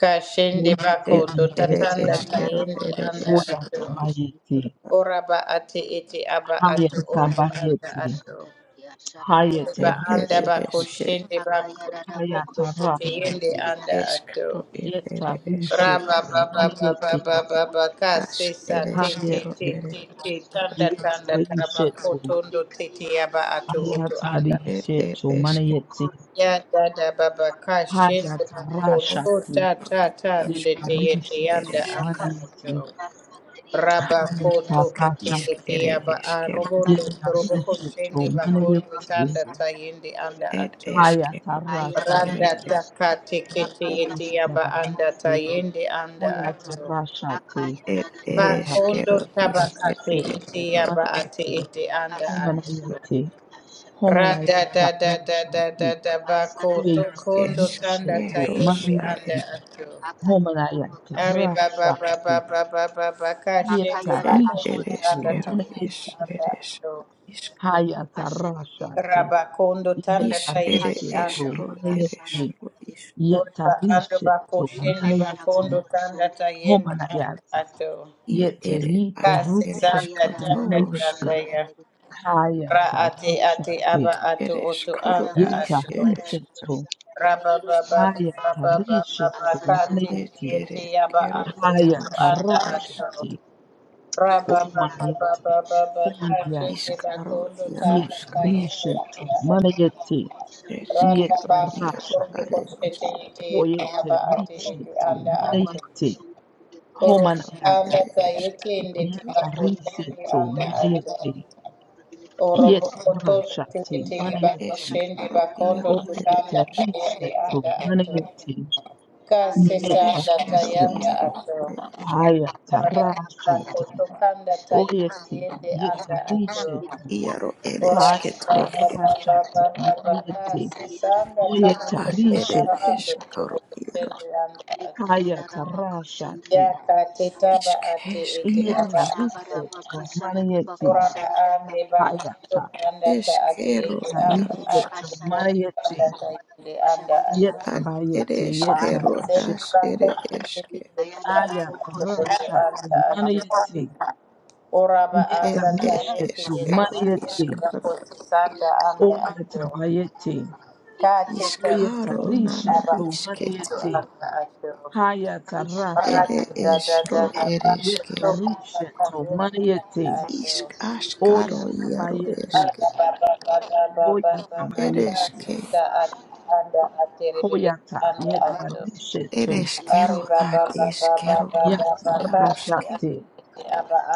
[SPEAKER 1] Ka shende
[SPEAKER 2] It
[SPEAKER 1] bakondo
[SPEAKER 2] ere
[SPEAKER 1] tatanda ta
[SPEAKER 2] eskero
[SPEAKER 1] yende
[SPEAKER 2] ere
[SPEAKER 1] anda
[SPEAKER 3] akariyarabokoshandere
[SPEAKER 1] ato.
[SPEAKER 2] eskero
[SPEAKER 3] yashara,
[SPEAKER 2] iskero
[SPEAKER 1] Oraba ate ete aba ato ondo
[SPEAKER 3] kandere
[SPEAKER 1] anda ato.
[SPEAKER 3] yashandere yasharararara,
[SPEAKER 1] Oraba
[SPEAKER 2] it
[SPEAKER 1] anda
[SPEAKER 2] ere
[SPEAKER 1] bako
[SPEAKER 2] eske
[SPEAKER 1] shende bako tukondo te
[SPEAKER 3] akayarabokoshandere
[SPEAKER 1] yende anda ato.
[SPEAKER 2] eskero it ere eskero
[SPEAKER 3] Akayarada
[SPEAKER 1] Rababababababababaka
[SPEAKER 2] ask
[SPEAKER 1] sesa
[SPEAKER 2] ere
[SPEAKER 1] te te
[SPEAKER 2] eskero
[SPEAKER 1] te
[SPEAKER 2] ere
[SPEAKER 1] te te
[SPEAKER 2] eskero
[SPEAKER 4] hayati,
[SPEAKER 1] tanda tanda
[SPEAKER 4] yetarishe
[SPEAKER 1] tarabako
[SPEAKER 4] tu
[SPEAKER 1] tondo te te yaba ato oto
[SPEAKER 4] Hayatari
[SPEAKER 1] anda.
[SPEAKER 2] it ere
[SPEAKER 4] shetu mana
[SPEAKER 2] eskero
[SPEAKER 4] manayeti.
[SPEAKER 1] Ya dada babaka shende bako to
[SPEAKER 4] Hayatarashati.
[SPEAKER 1] ta ta ta ndete
[SPEAKER 2] eskero
[SPEAKER 1] yete
[SPEAKER 2] ere
[SPEAKER 4] Yetarishetu
[SPEAKER 1] yanda
[SPEAKER 2] eske
[SPEAKER 1] anda
[SPEAKER 4] manayeti.
[SPEAKER 1] ato. Raba koto kete
[SPEAKER 2] isk
[SPEAKER 1] yete
[SPEAKER 4] Hayatarashati.
[SPEAKER 2] ere
[SPEAKER 1] yaba
[SPEAKER 2] eskero
[SPEAKER 1] arobondo toroboko
[SPEAKER 4] Yetarishetu
[SPEAKER 1] shende bakondo
[SPEAKER 4] manayeti.
[SPEAKER 1] tanda ta yende anda
[SPEAKER 2] it
[SPEAKER 1] ato.
[SPEAKER 2] eskero is ere
[SPEAKER 4] Hayatarashati.
[SPEAKER 1] Randa
[SPEAKER 2] es-
[SPEAKER 1] takate kete yete yaba anda ta
[SPEAKER 4] Hoyatabayeti.
[SPEAKER 1] yende anda ato.
[SPEAKER 4] Hoyatarashati.
[SPEAKER 2] ere
[SPEAKER 4] Yeta.
[SPEAKER 3] yaşlandı.
[SPEAKER 1] Pakondo
[SPEAKER 2] eskero is ere
[SPEAKER 1] tabakate
[SPEAKER 2] eskero
[SPEAKER 4] Yetarishetu
[SPEAKER 1] ete yaba ate
[SPEAKER 4] manayeti.
[SPEAKER 1] ete anda
[SPEAKER 3] Asla
[SPEAKER 1] ate.
[SPEAKER 3] yaşlandı.
[SPEAKER 4] Homanayeti.
[SPEAKER 3] Yaşlandı.
[SPEAKER 1] Rada da da da da
[SPEAKER 4] Homanayatarashati.
[SPEAKER 1] da da bako
[SPEAKER 3] Asarare
[SPEAKER 1] tokondo tanda
[SPEAKER 4] Yetarishetu mana
[SPEAKER 2] eskeros
[SPEAKER 1] tayende anda
[SPEAKER 4] yeti.
[SPEAKER 2] ares
[SPEAKER 1] ato.
[SPEAKER 3] akayana
[SPEAKER 4] Homalayaka
[SPEAKER 1] Ari
[SPEAKER 3] bakashandere
[SPEAKER 1] baba baba
[SPEAKER 4] Rashati
[SPEAKER 1] baba baba kashete
[SPEAKER 3] akayana
[SPEAKER 2] it ere
[SPEAKER 1] bakondo
[SPEAKER 4] Yetarishetu
[SPEAKER 1] tanda
[SPEAKER 3] bakashandere
[SPEAKER 2] eskero
[SPEAKER 1] tayende
[SPEAKER 2] is
[SPEAKER 4] Manayeti
[SPEAKER 1] anda ato.
[SPEAKER 2] eres
[SPEAKER 4] Hayata
[SPEAKER 3] hashandere
[SPEAKER 4] Rashati
[SPEAKER 1] Rabakondo tanda
[SPEAKER 2] Ish ere
[SPEAKER 1] tayende
[SPEAKER 4] Yetarishetu
[SPEAKER 1] anda.
[SPEAKER 3] hashandere
[SPEAKER 2] eshro ere
[SPEAKER 4] Manayeti
[SPEAKER 2] shro
[SPEAKER 3] asharadere
[SPEAKER 2] ish
[SPEAKER 1] Oriba ando bako
[SPEAKER 4] Yetarishetu
[SPEAKER 1] shende
[SPEAKER 3] ikayara
[SPEAKER 4] Manayeti
[SPEAKER 1] bakondo tanda
[SPEAKER 3] bakashandere
[SPEAKER 1] tayende anda
[SPEAKER 4] Homalayata
[SPEAKER 1] ato.
[SPEAKER 2] i
[SPEAKER 4] Yete
[SPEAKER 2] ere
[SPEAKER 4] Yete
[SPEAKER 2] ash
[SPEAKER 1] Kase
[SPEAKER 2] ere
[SPEAKER 1] sanda
[SPEAKER 4] Rushati
[SPEAKER 3] hayarara
[SPEAKER 1] tanda tanda
[SPEAKER 2] shkatoroshka
[SPEAKER 4] Manayeti
[SPEAKER 1] ya.
[SPEAKER 3] shandere
[SPEAKER 1] Ra
[SPEAKER 4] Hayata
[SPEAKER 1] ate ate
[SPEAKER 4] Rashati
[SPEAKER 1] aba ato
[SPEAKER 2] ere
[SPEAKER 1] oto
[SPEAKER 2] shkoro
[SPEAKER 1] anda
[SPEAKER 3] ayaka
[SPEAKER 2] ish
[SPEAKER 1] ato.
[SPEAKER 2] ere
[SPEAKER 3] sambara
[SPEAKER 2] shk
[SPEAKER 4] Yetarishetu
[SPEAKER 1] Raba
[SPEAKER 3] shandere
[SPEAKER 1] ba ba ba
[SPEAKER 4] Hayata
[SPEAKER 1] ba ba ba
[SPEAKER 4] Rishetu
[SPEAKER 3] asashandere
[SPEAKER 2] ed
[SPEAKER 4] Manayeti
[SPEAKER 2] ere
[SPEAKER 1] aba
[SPEAKER 2] shkero
[SPEAKER 1] ato oto
[SPEAKER 2] iarosh
[SPEAKER 4] Hayata
[SPEAKER 1] anda
[SPEAKER 2] are
[SPEAKER 1] ato.
[SPEAKER 2] shkt
[SPEAKER 4] Rashati
[SPEAKER 1] Raba ba
[SPEAKER 3] ikayara
[SPEAKER 1] ba ba
[SPEAKER 4] Omanayeti
[SPEAKER 1] ba
[SPEAKER 3] shandere
[SPEAKER 1] te te
[SPEAKER 2] ishkaro
[SPEAKER 1] tanda
[SPEAKER 4] Yet
[SPEAKER 2] iaroshk
[SPEAKER 1] ka
[SPEAKER 4] rishetu
[SPEAKER 1] anda ato.
[SPEAKER 4] manayeti. Yet
[SPEAKER 1] Randa
[SPEAKER 2] eshkero
[SPEAKER 1] ba
[SPEAKER 2] iaro
[SPEAKER 1] kondo
[SPEAKER 4] rashati.
[SPEAKER 1] ko
[SPEAKER 2] are
[SPEAKER 1] te
[SPEAKER 2] esh
[SPEAKER 1] te
[SPEAKER 4] Hoyete
[SPEAKER 1] aba ate ete
[SPEAKER 4] rishetu
[SPEAKER 1] anda ato.
[SPEAKER 4] manayeti.
[SPEAKER 1] Oro
[SPEAKER 2] ishkaro
[SPEAKER 4] Homanayata.
[SPEAKER 1] anda
[SPEAKER 2] ere
[SPEAKER 1] ka
[SPEAKER 2] eshk
[SPEAKER 1] yete ndete
[SPEAKER 4] Yet
[SPEAKER 1] ba kondo
[SPEAKER 4] rishetu
[SPEAKER 1] anda ato.
[SPEAKER 4] manayeti. Yet
[SPEAKER 1] Orobo koto
[SPEAKER 4] rashati
[SPEAKER 1] tikiti ibako
[SPEAKER 4] manayeti.
[SPEAKER 1] shende
[SPEAKER 2] eshkaro
[SPEAKER 1] bakondo
[SPEAKER 2] iaro ere
[SPEAKER 4] Hoyete
[SPEAKER 1] tikanda
[SPEAKER 2] eshk
[SPEAKER 1] tayende
[SPEAKER 3] Ekayarara
[SPEAKER 4] rishetu
[SPEAKER 1] anda ato.
[SPEAKER 4] manayeti.
[SPEAKER 1] Kasisa
[SPEAKER 4] Yet
[SPEAKER 1] anda
[SPEAKER 2] eshkero
[SPEAKER 1] tayanda
[SPEAKER 4] rishetu.
[SPEAKER 2] iaro
[SPEAKER 1] ato.
[SPEAKER 2] are eshk
[SPEAKER 4] Hayata
[SPEAKER 1] Rakaba
[SPEAKER 4] rashati.
[SPEAKER 1] koto kanda tayende
[SPEAKER 4] Oyeti.
[SPEAKER 1] yende
[SPEAKER 4] Yet
[SPEAKER 1] anda ato.
[SPEAKER 4] rishetu.
[SPEAKER 2] iaro ere
[SPEAKER 1] Ora
[SPEAKER 4] Hayata
[SPEAKER 2] shketro
[SPEAKER 1] baba baba
[SPEAKER 4] rashati
[SPEAKER 1] baba baba
[SPEAKER 4] manayeti.
[SPEAKER 1] sisa anda tabo
[SPEAKER 4] Oyeta
[SPEAKER 2] ad
[SPEAKER 1] koto
[SPEAKER 2] ere
[SPEAKER 4] rishetu.
[SPEAKER 1] tarabando tobo
[SPEAKER 2] eshkaro
[SPEAKER 1] koshende anda ato.
[SPEAKER 4] Hayata
[SPEAKER 3] bakışan
[SPEAKER 1] Ya
[SPEAKER 4] Rashati.
[SPEAKER 3] dedi
[SPEAKER 1] katetaba
[SPEAKER 3] yaşanan
[SPEAKER 1] ate ete aba
[SPEAKER 4] Yeta
[SPEAKER 2] Ishkeshkeroshka,
[SPEAKER 1] ato.
[SPEAKER 3] Rabaraba
[SPEAKER 4] Risheto
[SPEAKER 3] kaşarada
[SPEAKER 4] Manieti.
[SPEAKER 3] bako
[SPEAKER 1] Ora ba
[SPEAKER 3] şararada
[SPEAKER 1] ande ba kundo
[SPEAKER 4] Hayata.
[SPEAKER 1] anda ta ate
[SPEAKER 2] eskero
[SPEAKER 1] ete
[SPEAKER 4] Yeta
[SPEAKER 1] anda
[SPEAKER 2] yaroshka,
[SPEAKER 4] Risheto
[SPEAKER 1] ate
[SPEAKER 3] Aşağıda
[SPEAKER 1] kundo anda
[SPEAKER 4] Manieti.
[SPEAKER 1] ta
[SPEAKER 3] bana
[SPEAKER 1] yende anda
[SPEAKER 3] koşarada
[SPEAKER 1] ate
[SPEAKER 4] Yeta
[SPEAKER 2] ad ere
[SPEAKER 4] Bayeti. Yeta
[SPEAKER 2] eskero
[SPEAKER 1] ate
[SPEAKER 2] as
[SPEAKER 1] ba
[SPEAKER 4] Risheto.
[SPEAKER 2] ere
[SPEAKER 1] kundo ete
[SPEAKER 2] eske,
[SPEAKER 3] Hikayelerde bu
[SPEAKER 4] Ayata
[SPEAKER 1] kundo
[SPEAKER 3] koşun
[SPEAKER 1] anda
[SPEAKER 4] Rashati.
[SPEAKER 1] ate
[SPEAKER 4] Manieti.
[SPEAKER 1] ora ba
[SPEAKER 2] ed
[SPEAKER 4] Yeta
[SPEAKER 1] anda ta
[SPEAKER 2] ed
[SPEAKER 1] yende
[SPEAKER 4] Risheto
[SPEAKER 1] yende
[SPEAKER 2] eskero
[SPEAKER 4] Manieti.
[SPEAKER 1] ba
[SPEAKER 2] ishkatara,
[SPEAKER 1] kundo sanda anda ate
[SPEAKER 4] Oyeta Bayeti.
[SPEAKER 1] ka te ta
[SPEAKER 3] Hikayelerde
[SPEAKER 4] Oyeta
[SPEAKER 1] yende
[SPEAKER 2] iskaro
[SPEAKER 3] bu
[SPEAKER 1] ete
[SPEAKER 2] nana
[SPEAKER 1] aba
[SPEAKER 3] koşun
[SPEAKER 4] Risheto
[SPEAKER 1] kundo
[SPEAKER 2] iskete,
[SPEAKER 4] Manieti.
[SPEAKER 1] anda ate
[SPEAKER 4] Hayata
[SPEAKER 1] ora
[SPEAKER 3] İşarada
[SPEAKER 2] ere
[SPEAKER 1] da
[SPEAKER 4] Rashati.
[SPEAKER 1] da da
[SPEAKER 2] esro
[SPEAKER 1] da da
[SPEAKER 3] koşandı
[SPEAKER 2] ere
[SPEAKER 1] ba
[SPEAKER 2] eske,
[SPEAKER 4] Yeta
[SPEAKER 1] kundo
[SPEAKER 3] Koşandı
[SPEAKER 1] anda ta
[SPEAKER 4] Risheto
[SPEAKER 1] yende
[SPEAKER 4] Manieti.
[SPEAKER 1] anda
[SPEAKER 3] Sende
[SPEAKER 2] eshro
[SPEAKER 1] ate
[SPEAKER 3] dediler
[SPEAKER 2] askaro
[SPEAKER 4] Oyata
[SPEAKER 3] şarada
[SPEAKER 2] iaro
[SPEAKER 4] Bayeti.
[SPEAKER 2] eske,
[SPEAKER 3] Koşandı
[SPEAKER 4] Hoyata
[SPEAKER 2] ere
[SPEAKER 4] Mayeti,
[SPEAKER 2] eske
[SPEAKER 1] Sita
[SPEAKER 3] Koşandı
[SPEAKER 1] anda aterebe
[SPEAKER 4] Hoyata
[SPEAKER 1] anda
[SPEAKER 4] Yeta
[SPEAKER 1] ato.
[SPEAKER 2] ere
[SPEAKER 4] Rishetu,
[SPEAKER 3] Koşandı
[SPEAKER 2] eskero
[SPEAKER 1] Ari
[SPEAKER 3] Yaşandı
[SPEAKER 1] baba
[SPEAKER 2] ad
[SPEAKER 1] baba
[SPEAKER 2] eskero
[SPEAKER 1] baba
[SPEAKER 2] ad
[SPEAKER 4] Yata
[SPEAKER 1] baba kasi
[SPEAKER 2] yaroshke,
[SPEAKER 1] ate
[SPEAKER 4] Rashati,
[SPEAKER 1] ete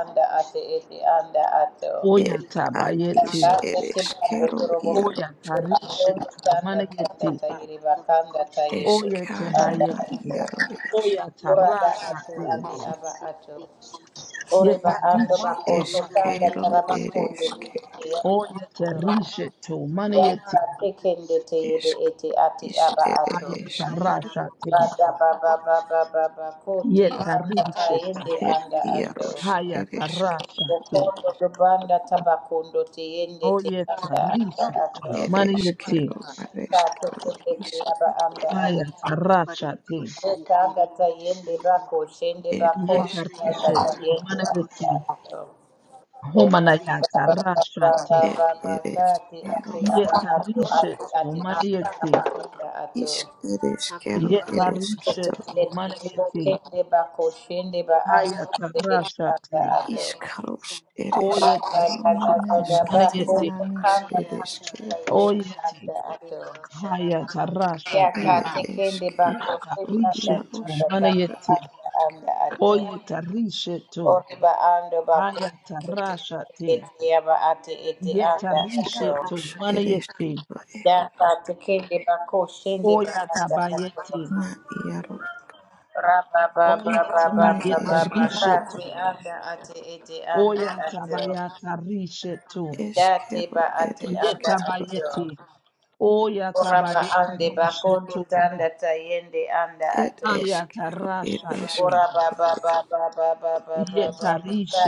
[SPEAKER 1] anda ate ete anda ato.
[SPEAKER 2] ed
[SPEAKER 4] Hoyata
[SPEAKER 2] ad is
[SPEAKER 4] Bayeti,
[SPEAKER 2] ish
[SPEAKER 1] Kase tibando
[SPEAKER 2] ereshkero
[SPEAKER 1] turobo kutu
[SPEAKER 2] yaro,
[SPEAKER 4] Hoyata
[SPEAKER 1] kandondo
[SPEAKER 4] Rishetu,
[SPEAKER 1] tanda tanda
[SPEAKER 4] Manayeti,
[SPEAKER 1] tayiri bakanda tayende
[SPEAKER 4] Oyete
[SPEAKER 2] eshkaro
[SPEAKER 1] anda
[SPEAKER 2] na
[SPEAKER 1] ato.
[SPEAKER 4] Bayeti,
[SPEAKER 2] iaro es.
[SPEAKER 4] Hoyata
[SPEAKER 1] Uraba ate
[SPEAKER 4] Rashati,
[SPEAKER 1] ate aba ato. Oreba
[SPEAKER 4] Yeta
[SPEAKER 1] ando bako
[SPEAKER 4] Rishetu,
[SPEAKER 1] tanda
[SPEAKER 2] Eskero ere
[SPEAKER 1] tarabakondo
[SPEAKER 2] eske
[SPEAKER 1] tete
[SPEAKER 4] Oyete Rishetu,
[SPEAKER 1] Yaka
[SPEAKER 4] Manayeti,
[SPEAKER 1] tekende
[SPEAKER 3] Akayara
[SPEAKER 1] tebe
[SPEAKER 2] esk
[SPEAKER 1] ete ate
[SPEAKER 2] is
[SPEAKER 1] aba
[SPEAKER 2] ere
[SPEAKER 1] ato.
[SPEAKER 4] Hayata
[SPEAKER 2] eskero
[SPEAKER 4] Rashati,
[SPEAKER 1] Bada baba baba baba kote
[SPEAKER 4] Yeta
[SPEAKER 1] anda
[SPEAKER 4] Rishetu,
[SPEAKER 1] tayende
[SPEAKER 2] er
[SPEAKER 1] anda ato.
[SPEAKER 2] iaros ere
[SPEAKER 4] Hayata
[SPEAKER 2] esk
[SPEAKER 4] Rashati,
[SPEAKER 1] Okondo dobanda tabakondo teyende te
[SPEAKER 4] Oyeta
[SPEAKER 1] anda anda ato.
[SPEAKER 4] Rishetu,
[SPEAKER 2] ere
[SPEAKER 4] Manayeti,
[SPEAKER 2] eskero ar
[SPEAKER 1] Kato
[SPEAKER 2] eskero
[SPEAKER 1] kote te aba
[SPEAKER 2] isket
[SPEAKER 1] anda ato.
[SPEAKER 4] Hayata rashati,
[SPEAKER 1] Eka anda tayende bako shende
[SPEAKER 2] er
[SPEAKER 1] bako
[SPEAKER 4] yeta
[SPEAKER 1] anda
[SPEAKER 2] eskero
[SPEAKER 4] rishetu
[SPEAKER 2] ar
[SPEAKER 1] tayende
[SPEAKER 4] manaveti,
[SPEAKER 1] anda ato. Oka
[SPEAKER 3] Akayara
[SPEAKER 4] humanayata
[SPEAKER 1] baba baba
[SPEAKER 4] rashati,
[SPEAKER 1] baba
[SPEAKER 2] er
[SPEAKER 1] baba
[SPEAKER 2] ere
[SPEAKER 1] kate
[SPEAKER 2] eskero
[SPEAKER 1] ate
[SPEAKER 3] akayara
[SPEAKER 1] aba
[SPEAKER 4] yeta
[SPEAKER 3] boku
[SPEAKER 1] ato ate
[SPEAKER 3] shandere
[SPEAKER 4] rishetu
[SPEAKER 1] ate
[SPEAKER 4] manayeti,
[SPEAKER 1] aba
[SPEAKER 3] shandere
[SPEAKER 1] anda ato.
[SPEAKER 2] isk ere eskero
[SPEAKER 3] akayara
[SPEAKER 4] yeta
[SPEAKER 2] ere
[SPEAKER 3] boku
[SPEAKER 2] esketo
[SPEAKER 4] rishetu
[SPEAKER 3] shandere
[SPEAKER 4] manayeti,
[SPEAKER 1] Bekende
[SPEAKER 3] shandere
[SPEAKER 1] bakoshende
[SPEAKER 3] shandere
[SPEAKER 1] ba
[SPEAKER 4] hayata
[SPEAKER 1] anda
[SPEAKER 4] rashati,
[SPEAKER 3] akayara
[SPEAKER 1] ando.
[SPEAKER 3] boku
[SPEAKER 2] iskaros ere
[SPEAKER 3] shandere
[SPEAKER 4] oyeta
[SPEAKER 1] Rada
[SPEAKER 2] esketo
[SPEAKER 1] da da
[SPEAKER 2] nan
[SPEAKER 4] rishetu
[SPEAKER 1] ba
[SPEAKER 2] eskete
[SPEAKER 4] manayeti,
[SPEAKER 1] koto
[SPEAKER 2] nanis
[SPEAKER 1] kanga
[SPEAKER 2] ere
[SPEAKER 3] shandere
[SPEAKER 1] tanga
[SPEAKER 2] eskeros
[SPEAKER 3] shandere shandere
[SPEAKER 4] oyeti,
[SPEAKER 1] anda ando.
[SPEAKER 3] shandere
[SPEAKER 4] hayata
[SPEAKER 3] shandere
[SPEAKER 4] rashati,
[SPEAKER 1] Yaka
[SPEAKER 2] ere
[SPEAKER 1] tekende
[SPEAKER 4] yeta
[SPEAKER 2] eskero
[SPEAKER 1] bakoshende
[SPEAKER 4] rishetu
[SPEAKER 2] iaros
[SPEAKER 1] anda anda
[SPEAKER 2] ere
[SPEAKER 4] manayeti,
[SPEAKER 1] tanga anda
[SPEAKER 2] eske
[SPEAKER 1] anda ando.
[SPEAKER 4] oyeta rishetu,
[SPEAKER 1] Ori ba ando
[SPEAKER 4] hayata
[SPEAKER 1] bakoshende
[SPEAKER 4] rashati,
[SPEAKER 1] ete yaba
[SPEAKER 4] yeta
[SPEAKER 1] anda ando.
[SPEAKER 4] rishetu
[SPEAKER 2] iskaros ere
[SPEAKER 4] manayeti,
[SPEAKER 2] esketo
[SPEAKER 1] Yaka tekende
[SPEAKER 4] Oya
[SPEAKER 1] anda
[SPEAKER 4] tabayete,
[SPEAKER 1] ando.
[SPEAKER 2] na iaro
[SPEAKER 4] oye
[SPEAKER 2] ne
[SPEAKER 4] tabayete
[SPEAKER 1] Rababababababababa
[SPEAKER 2] eskero
[SPEAKER 1] ati
[SPEAKER 4] rishetu,
[SPEAKER 1] anda ati iti anda
[SPEAKER 4] oya
[SPEAKER 1] ati
[SPEAKER 4] tabayata rishetu,
[SPEAKER 1] dati
[SPEAKER 2] eskero
[SPEAKER 1] ba
[SPEAKER 2] er
[SPEAKER 1] ati anda
[SPEAKER 2] esketoro
[SPEAKER 1] ati
[SPEAKER 4] yetabayete, oya
[SPEAKER 1] oraba
[SPEAKER 4] tabayete
[SPEAKER 1] ande ba kondo
[SPEAKER 4] rishetu,
[SPEAKER 1] tanda tayende anda
[SPEAKER 2] er
[SPEAKER 1] ati
[SPEAKER 4] ayata
[SPEAKER 2] eskero er esk
[SPEAKER 4] rashate,
[SPEAKER 1] orabababababababababa
[SPEAKER 4] yeta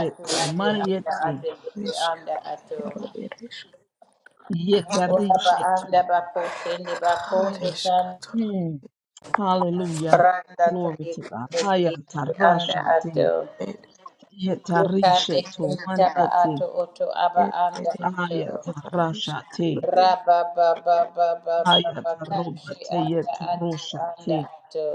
[SPEAKER 1] ati ati anda
[SPEAKER 4] mariete,
[SPEAKER 1] ati iti
[SPEAKER 2] esk
[SPEAKER 1] anda ati
[SPEAKER 2] iaro er esk
[SPEAKER 4] yeta
[SPEAKER 1] oraba anda
[SPEAKER 4] rishetu.
[SPEAKER 1] ba koshende ba
[SPEAKER 2] har
[SPEAKER 1] kondo tanda
[SPEAKER 2] esketoro
[SPEAKER 4] Mm. Hallelujah.
[SPEAKER 1] randa
[SPEAKER 4] Glory to God.
[SPEAKER 1] tayende
[SPEAKER 4] Ayata
[SPEAKER 1] anda
[SPEAKER 4] rashate,
[SPEAKER 1] ati
[SPEAKER 2] er
[SPEAKER 4] yeta
[SPEAKER 1] Kate
[SPEAKER 4] rishetu,
[SPEAKER 1] taba
[SPEAKER 4] mariete,
[SPEAKER 1] ato oto aba
[SPEAKER 2] er
[SPEAKER 1] anda
[SPEAKER 2] er
[SPEAKER 1] ato
[SPEAKER 2] eskero
[SPEAKER 4] ayata
[SPEAKER 2] har
[SPEAKER 4] rashate.
[SPEAKER 2] esketoro
[SPEAKER 1] raba ba ba ba ba ba ba kashi
[SPEAKER 4] Ayatarobate
[SPEAKER 1] anda ati anda
[SPEAKER 4] yetorushate.
[SPEAKER 1] ato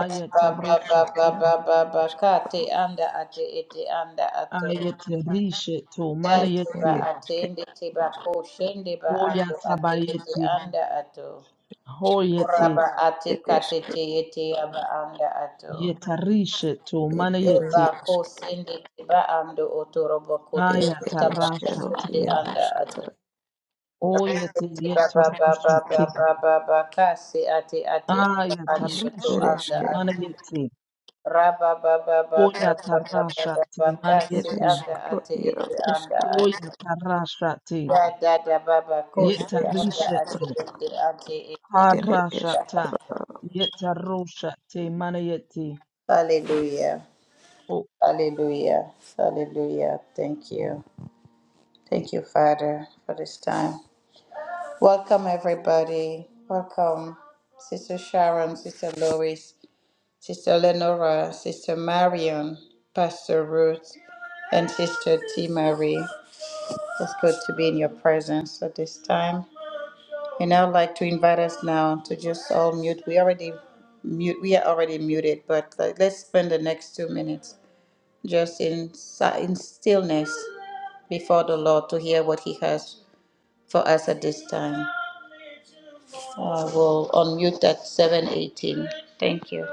[SPEAKER 1] raba ba ba ba ba ba ba kate anda ati iti anda ato
[SPEAKER 4] Ayatarishe to
[SPEAKER 1] dati ba
[SPEAKER 2] er esk er er
[SPEAKER 4] manayete.
[SPEAKER 1] ati
[SPEAKER 2] esk
[SPEAKER 1] indi tiba koshende ba ando ati iti
[SPEAKER 4] Hoyatabayete.
[SPEAKER 1] anda ato
[SPEAKER 2] esketoro
[SPEAKER 4] Hoyete.
[SPEAKER 1] raba ati
[SPEAKER 2] er esk
[SPEAKER 1] kate te iti aba anda ato
[SPEAKER 4] Yetarishe to
[SPEAKER 2] er er
[SPEAKER 4] manayete.
[SPEAKER 1] Ba ko
[SPEAKER 2] esk
[SPEAKER 1] sende tiba ando otorobo ko
[SPEAKER 2] er
[SPEAKER 1] tobo
[SPEAKER 2] er
[SPEAKER 1] taba ka
[SPEAKER 2] eskero
[SPEAKER 4] Ayatarashate.
[SPEAKER 2] iaro
[SPEAKER 1] anda ate.
[SPEAKER 2] esketoro
[SPEAKER 4] Oyete
[SPEAKER 1] Tiba ba ba ba ba
[SPEAKER 4] yetorushate.
[SPEAKER 1] ba ba ba ka ate ate ando
[SPEAKER 2] isk
[SPEAKER 1] to
[SPEAKER 2] er
[SPEAKER 4] Ayatarishe to
[SPEAKER 1] anda
[SPEAKER 2] esk
[SPEAKER 1] ate.
[SPEAKER 4] manayete.
[SPEAKER 1] Raba ba ba ba ba ba ba ba ba
[SPEAKER 4] Hoyatarashate
[SPEAKER 1] ba ka
[SPEAKER 2] er
[SPEAKER 4] manayete.
[SPEAKER 1] anda
[SPEAKER 2] eskero
[SPEAKER 1] ate
[SPEAKER 2] iaro
[SPEAKER 1] ete
[SPEAKER 2] esk
[SPEAKER 1] anda ate.
[SPEAKER 4] Hoyatarashate.
[SPEAKER 1] Ya da da ba ba ko
[SPEAKER 2] er
[SPEAKER 1] anda
[SPEAKER 4] Yetarishe
[SPEAKER 1] ate
[SPEAKER 4] to
[SPEAKER 2] esketoro
[SPEAKER 1] ete ate ete
[SPEAKER 2] Good
[SPEAKER 1] ba.
[SPEAKER 4] Hadrashata. Yetaroshate manayeti.
[SPEAKER 1] Hallelujah.
[SPEAKER 4] Oh,
[SPEAKER 1] Hallelujah. Hallelujah. Thank you. Thank you, Father, for this time. Welcome, everybody. Welcome, Sister Sharon, Sister Lois, Sister Lenora, Sister Marion, Pastor Ruth, and Sister T. Marie. It's good to be in your presence at this time. And I'd like to invite us now to just all mute. We already mute. We are already muted, but like, let's spend the next two minutes just in si- in stillness before the Lord to hear what He has for us at this time. I will unmute at 7:18. Thank you.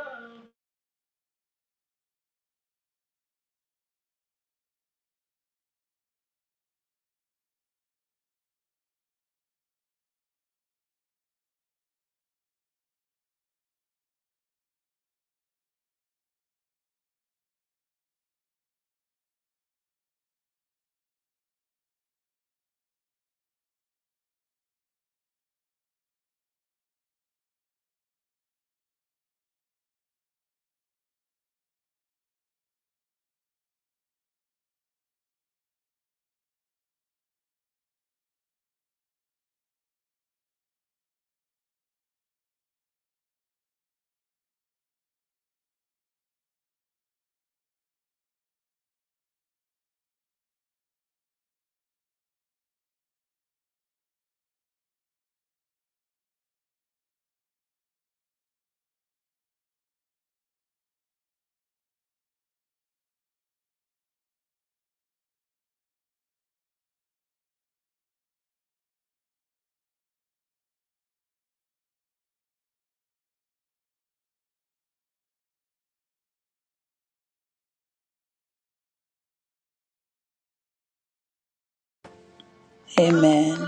[SPEAKER 1] Amen.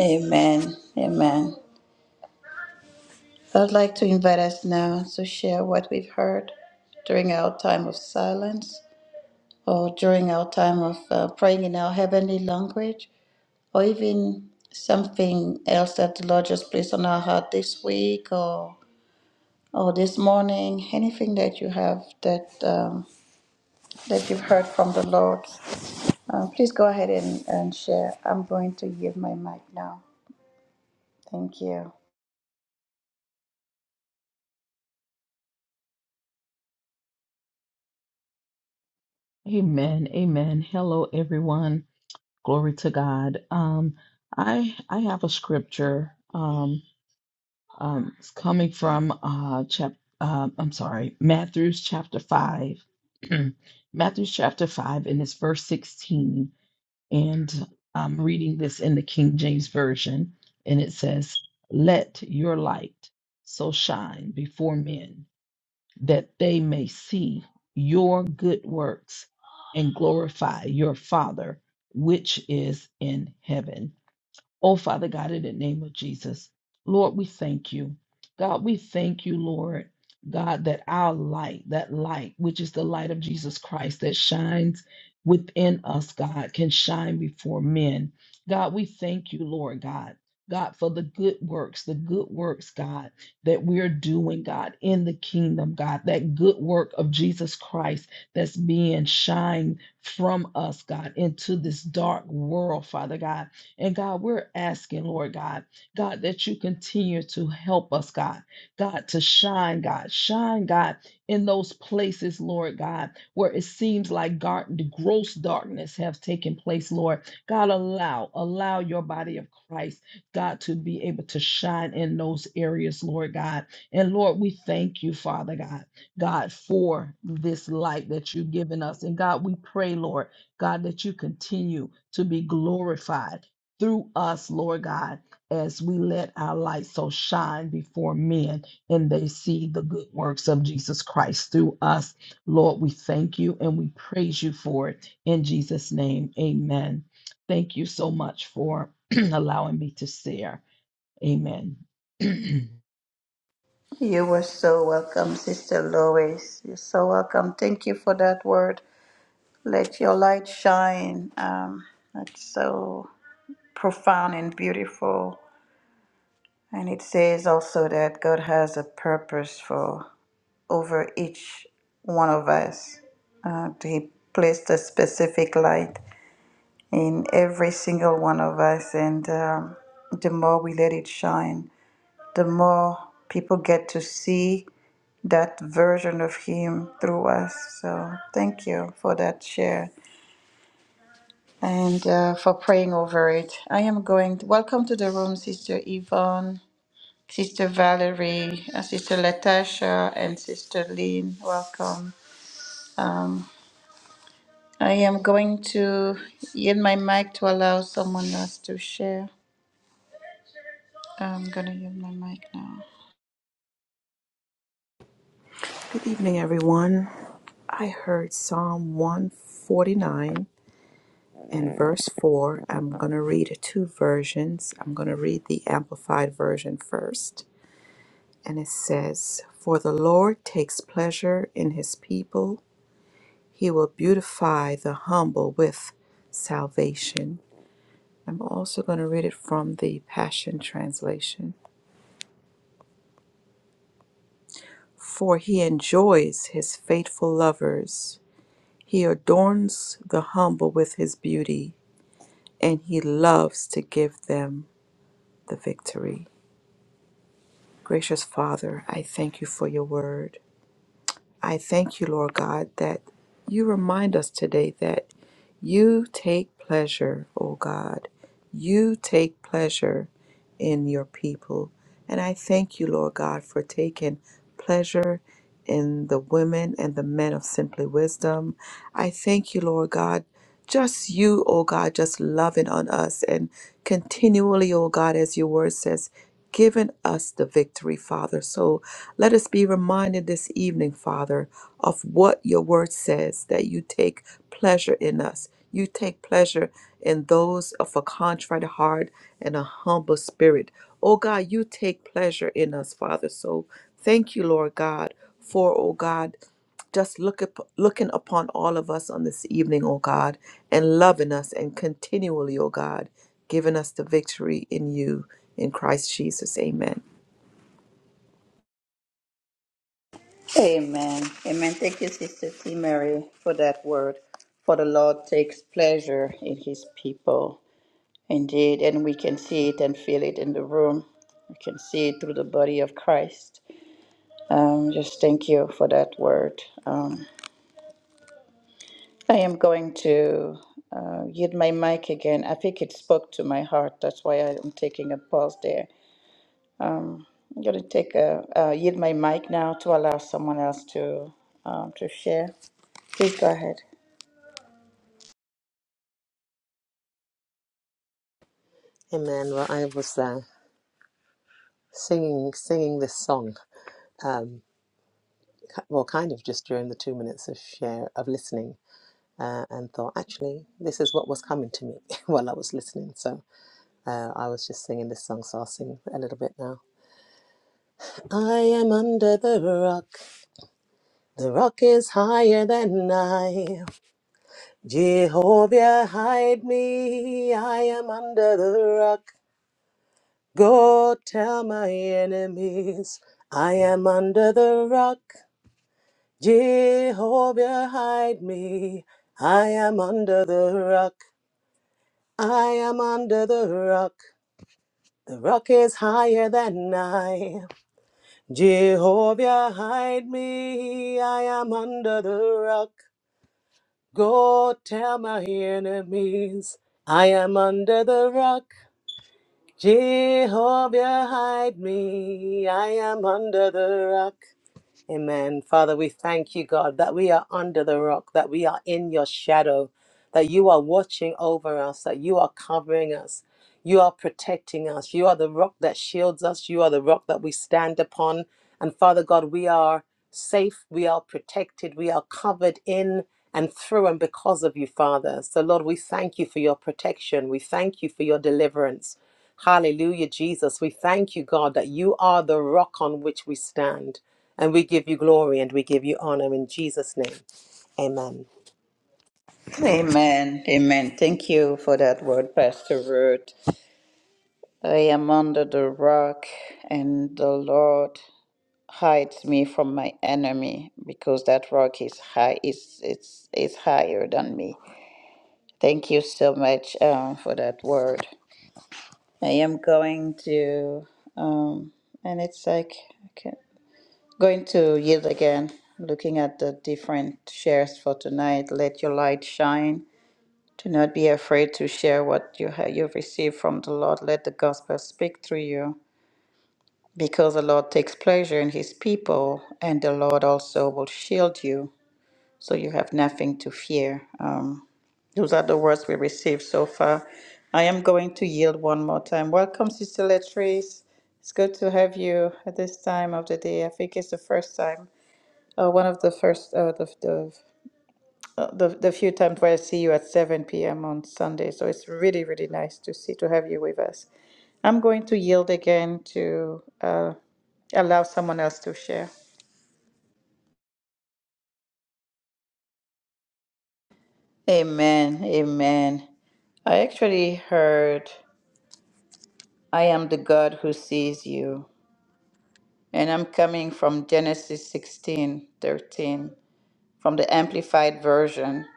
[SPEAKER 1] Amen. Amen. I'd like to invite us now to share what we've heard during our time of silence or during our time of uh, praying in our heavenly language or even something else that the Lord just placed on our heart this week or or this morning anything that you have that um, that you've heard from the Lord Uh, please go ahead and, and share. I'm going to give my mic now. Thank you.
[SPEAKER 4] amen. Amen. Hello, everyone. Glory to God. Um, I I have a scripture. Um, um, it's coming from uh, chap. Um, I'm sorry, Matthew's chapter five. Matthew's chapter five, and it's verse sixteen. And I'm reading this in the King James version, and it says, "Let your light so shine before men." that they may see your good works and glorify your Father which is in heaven. Oh, Father God, in the name of Jesus, Lord, we thank you. God, we thank you, Lord, God, that our light, that light, which is the light of Jesus Christ that shines within us, God, can shine before men. God, we thank you, Lord God. God, for the good works, the good works, God, that we're doing, God, in the kingdom, God, that good work of Jesus Christ that's being shined from us, God, into this dark world, Father God. And God, we're asking, Lord God, God, that you continue to help us, God, God, to shine, God, shine, God, in those places, Lord God, where it seems like gar- gross darkness have taken place, Lord. God, allow, allow your body of Christ, God, to be able to shine in those areas, Lord God. And Lord, we thank you, Father God, God, for this light that you've given us. And God, we pray, Lord, God, that you continue to be glorified through us, Lord God, as we let our light so shine before men and they see the good works of Jesus Christ through us. Lord, we thank you and we praise you for it. In Jesus' name, amen. Thank you so much for allowing me to share. Amen.
[SPEAKER 1] You were so welcome, Sister Lois. You're so welcome. Thank you for that word. Let your light shine. Um, that's so profound and beautiful. And it says also that God has a purpose for over each one of us. Uh, he placed a specific light in every single one of us. And um, the more we let it shine, the more people get to see that version of Him through us. So thank you for that share and uh, for praying over it. I am going to welcome to the room, Sister Yvonne. Sister Valerie, uh, Sister Latasha, and Sister Lynn, welcome. Um, I am going to yield my mic to allow someone else to share. I'm gonna use my mic now.
[SPEAKER 2] evening, everyone. I heard Psalm 149 and verse 4. I'm going to read two versions. I'm going to read the Amplified version first. And it says, For the Lord takes pleasure in his people, he will beautify the humble with salvation. I'm also going to read it from the Passion Translation. For he enjoys his faithful lovers. He adorns the humble with his beauty, and he loves to give them the victory. Gracious Father, I thank you for your word. I thank you, Lord God, that you remind us today that you take pleasure, O God. You take pleasure in your people. And I thank you, Lord God, for taking pleasure in the women and the men of Simply Wisdom. I thank you, Lord God. Just you, oh God, just loving on us and continually, oh God, as your word says, giving us the victory, Father. So let us be reminded this evening, Father, of what your word says that you take pleasure in us. You take pleasure in those of a contrite heart and a humble spirit. Oh God, you take pleasure in us, Father. So thank you, Lord God, for, oh God just look up, looking upon all of us on this evening, O God, and loving us and continually, O God, giving us the victory in you, in Christ Jesus. Amen.
[SPEAKER 1] Amen. Amen. Thank you, Sister T. Mary, for that word. For the Lord takes pleasure in his people. Indeed, and we can see it and feel it in the room. We can see it through the body of Christ. Um, just thank you for that word. Um, I am going to uh, yield my mic again. I think it spoke to my heart. That's why I'm taking a pause there. Um, I'm going to take a, uh, yield my mic now to allow someone else to um, to share. Please go ahead.
[SPEAKER 5] Amen. Well, I was uh, singing singing this song, um, ki- well, kind of just during the two minutes of share of listening, uh, and thought actually this is what was coming to me while I was listening. So uh, I was just singing this song, so I'll sing a little bit now. I am under the rock. The rock is higher than I. Jehovah, hide me. I am under the rock. Go tell my enemies I am under the rock. Jehovah, hide me. I am under the rock. I am under the rock. The rock is higher than I. Jehovah, hide me. I am under the rock. Go tell my enemies. I am under the rock. Jehovah, hide me. I am under the rock. Amen. Father, we thank you, God, that we are under the rock, that we are in your shadow, that you are watching over us, that you are covering us, you are protecting us, you are the rock that shields us, you are the rock that we stand upon. And Father God, we are safe, we are protected, we are covered in and through and because of you, Father. So, Lord, we thank you for your protection, we thank you for your deliverance. Hallelujah, Jesus. We thank you, God, that you are the rock on which we stand. And we give you glory and we give you honor in Jesus' name. Amen.
[SPEAKER 1] Amen. Amen. Thank you for that word, Pastor Ruth. I am under the rock, and the Lord hides me from my enemy because that rock is high. Is it's is higher than me. Thank you so much um, for that word. I am going to, um, and it's like okay. Going to yield again, looking at the different shares for tonight. Let your light shine. Do not be afraid to share what you have you've received from the Lord. Let the gospel speak through you. Because the Lord takes pleasure in his people, and the Lord also will shield you, so you have nothing to fear. Um, those are the words we received so far. I am going to yield one more time. Welcome, Sister Latrice. It's good to have you at this time of the day. I think it's the first time. Uh, one of the first, uh, the, the, uh, the the few times where I see you at 7 p.m. on Sunday. So it's really, really nice to see, to have you with us. I'm going to yield again to uh, allow someone else to share. Amen. Amen. I actually heard, I am the God who sees you. And I'm coming from Genesis 16 13 from the Amplified Version.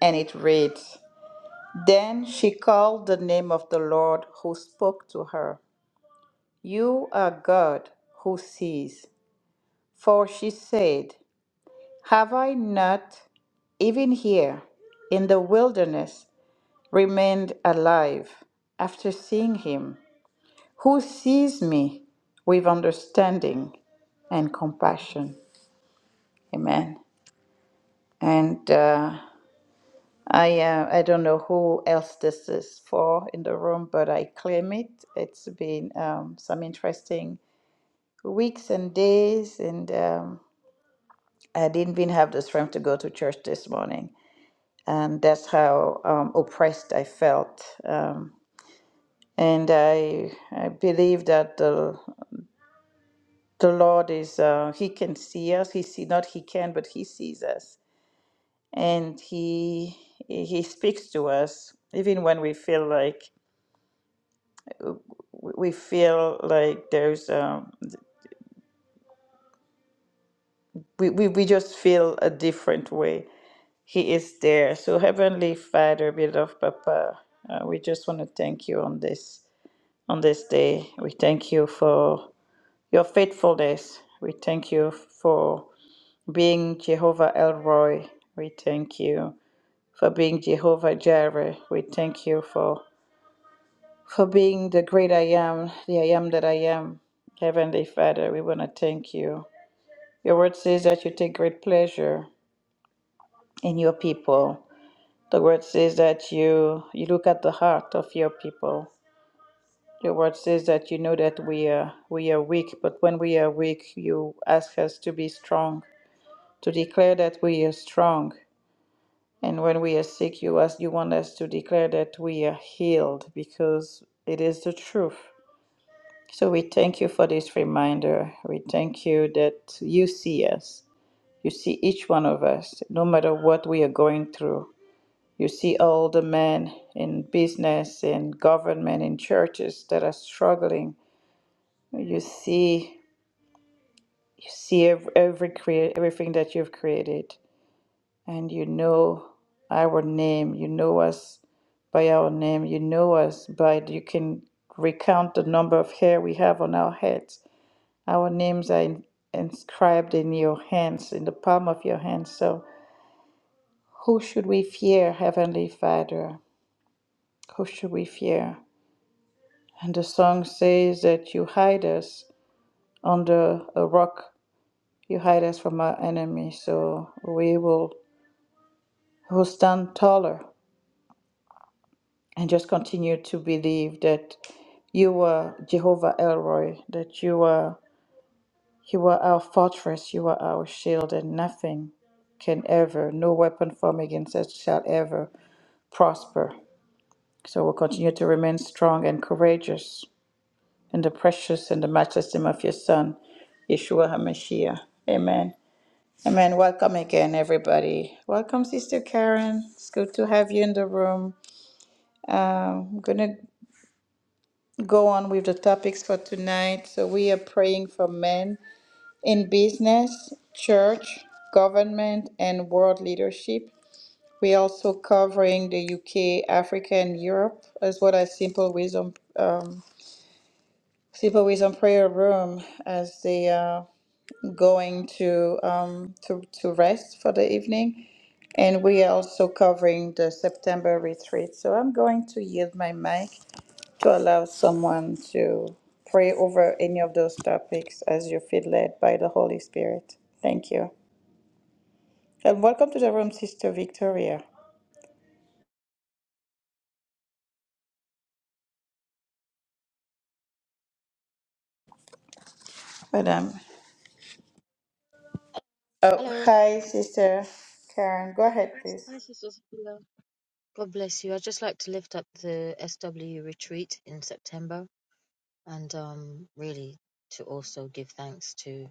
[SPEAKER 1] And it reads, Then she called the name of the Lord who spoke to her. You are God who sees. For she said, Have I not, even here in the wilderness, remained alive after seeing him, who sees me with understanding and compassion? Amen. And uh, I uh, I don't know who else this is for in the room, but I claim it. It's been um, some interesting weeks and days, and um, I didn't even have the strength to go to church this morning, and that's how um, oppressed I felt. Um, and I I believe that the the Lord is uh, He can see us. He see not He can, but He sees us, and He He speaks to us even when we feel like we we feel like there's um we, we, we just feel a different way he is there so heavenly father beloved papa uh, we just want to thank you on this on this day we thank you for your faithfulness we thank you for being jehovah elroy we thank you for being jehovah jireh we thank you for for being the great i am the i am that i am heavenly father we want to thank you Your word says that you take great pleasure in your people. The word says that you you look at the heart of your people. Your word says that you know that we are we are weak, but when we are weak, you ask us to be strong, to declare that we are strong. And when we are sick, you ask you want us to declare that we are healed because it is the truth. So we thank you for this reminder. We thank you that you see us. You see each one of us, no matter what we are going through. You see all the men in business, in government, in churches that are struggling. You see, you see ev- every create everything that you've created, and you know our name. You know us by our name. You know us by you can recount the number of hair we have on our heads. Our names are in, inscribed in your hands, in the palm of your hands. So. Who should we fear, Heavenly Father? Who should we fear? And the song says that you hide us under a rock, you hide us from our enemies, so we will who stand taller and just continue to believe that you are Jehovah Elroy, that you are you are our fortress, you are our shield, and nothing can ever, no weapon formed against us shall ever prosper. So we'll continue to remain strong and courageous in the precious and the matchless name of your Son, Yeshua HaMashiach. Amen. Amen. Welcome again, everybody. Welcome, Sister Karen. It's good to have you in the room. Um, I'm going to go on with the topics for tonight. So, we are praying for men in business, church, government, and world leadership. We're also covering the UK, Africa, and Europe, as well as Simple Wisdom um, Simple Wisdom Prayer Room as they are. going to um, to to rest for the evening, and we are also covering the September retreat. So I'm going to yield my mic to allow someone to pray over any of those topics as you feel led by the Holy Spirit. Thank you, and welcome to the room, Sister Victoria, Madam. Oh,
[SPEAKER 6] Hello.
[SPEAKER 1] hi, Sister Karen. Go ahead, please.
[SPEAKER 6] Hi, Sister Sophia. God bless you. i just like to lift up the SW retreat in September and um, really to also give thanks to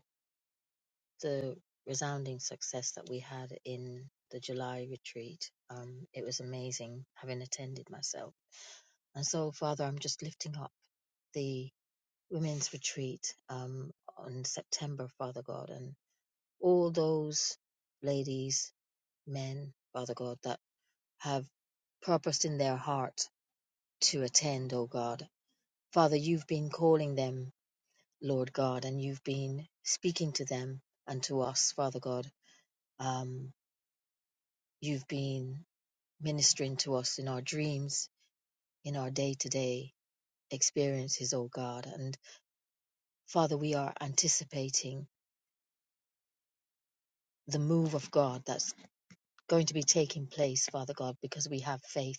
[SPEAKER 6] the resounding success that we had in the July retreat. Um, it was amazing having attended myself. And so, Father, I'm just lifting up the women's retreat um, on September, Father God, and all those ladies, men, Father God, that have purposed in their heart to attend, O God. Father, you've been calling them, Lord God, and you've been speaking to them and to us, Father God. Um, you've been ministering to us in our dreams, in our day to day experiences, O God. And Father, we are anticipating the move of God that's going to be taking place, Father God, because we have faith.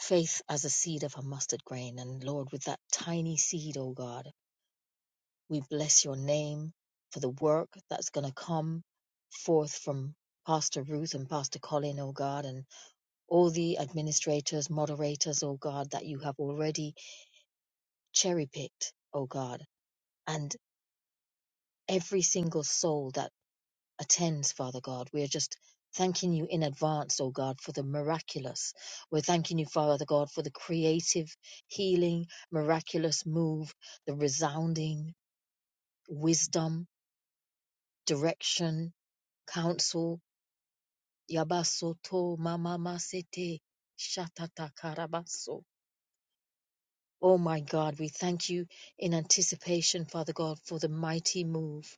[SPEAKER 6] Faith as a seed of a mustard grain. And Lord, with that tiny seed, O God, We bless your name for the work that's going to come forth from Pastor Ruth and Pastor Colin, oh God, and all the administrators, moderators, oh God, that you have already cherry picked, oh God, and every single soul that attends, Father God. We are just thanking you in advance, oh God, for the miraculous. We're thanking you, Father God, for the creative, healing, miraculous move, the resounding wisdom, direction, counsel, Yabasoto Mama Sete Shatata Karabaso. Oh my God, we thank you in anticipation, Father God, for the mighty move.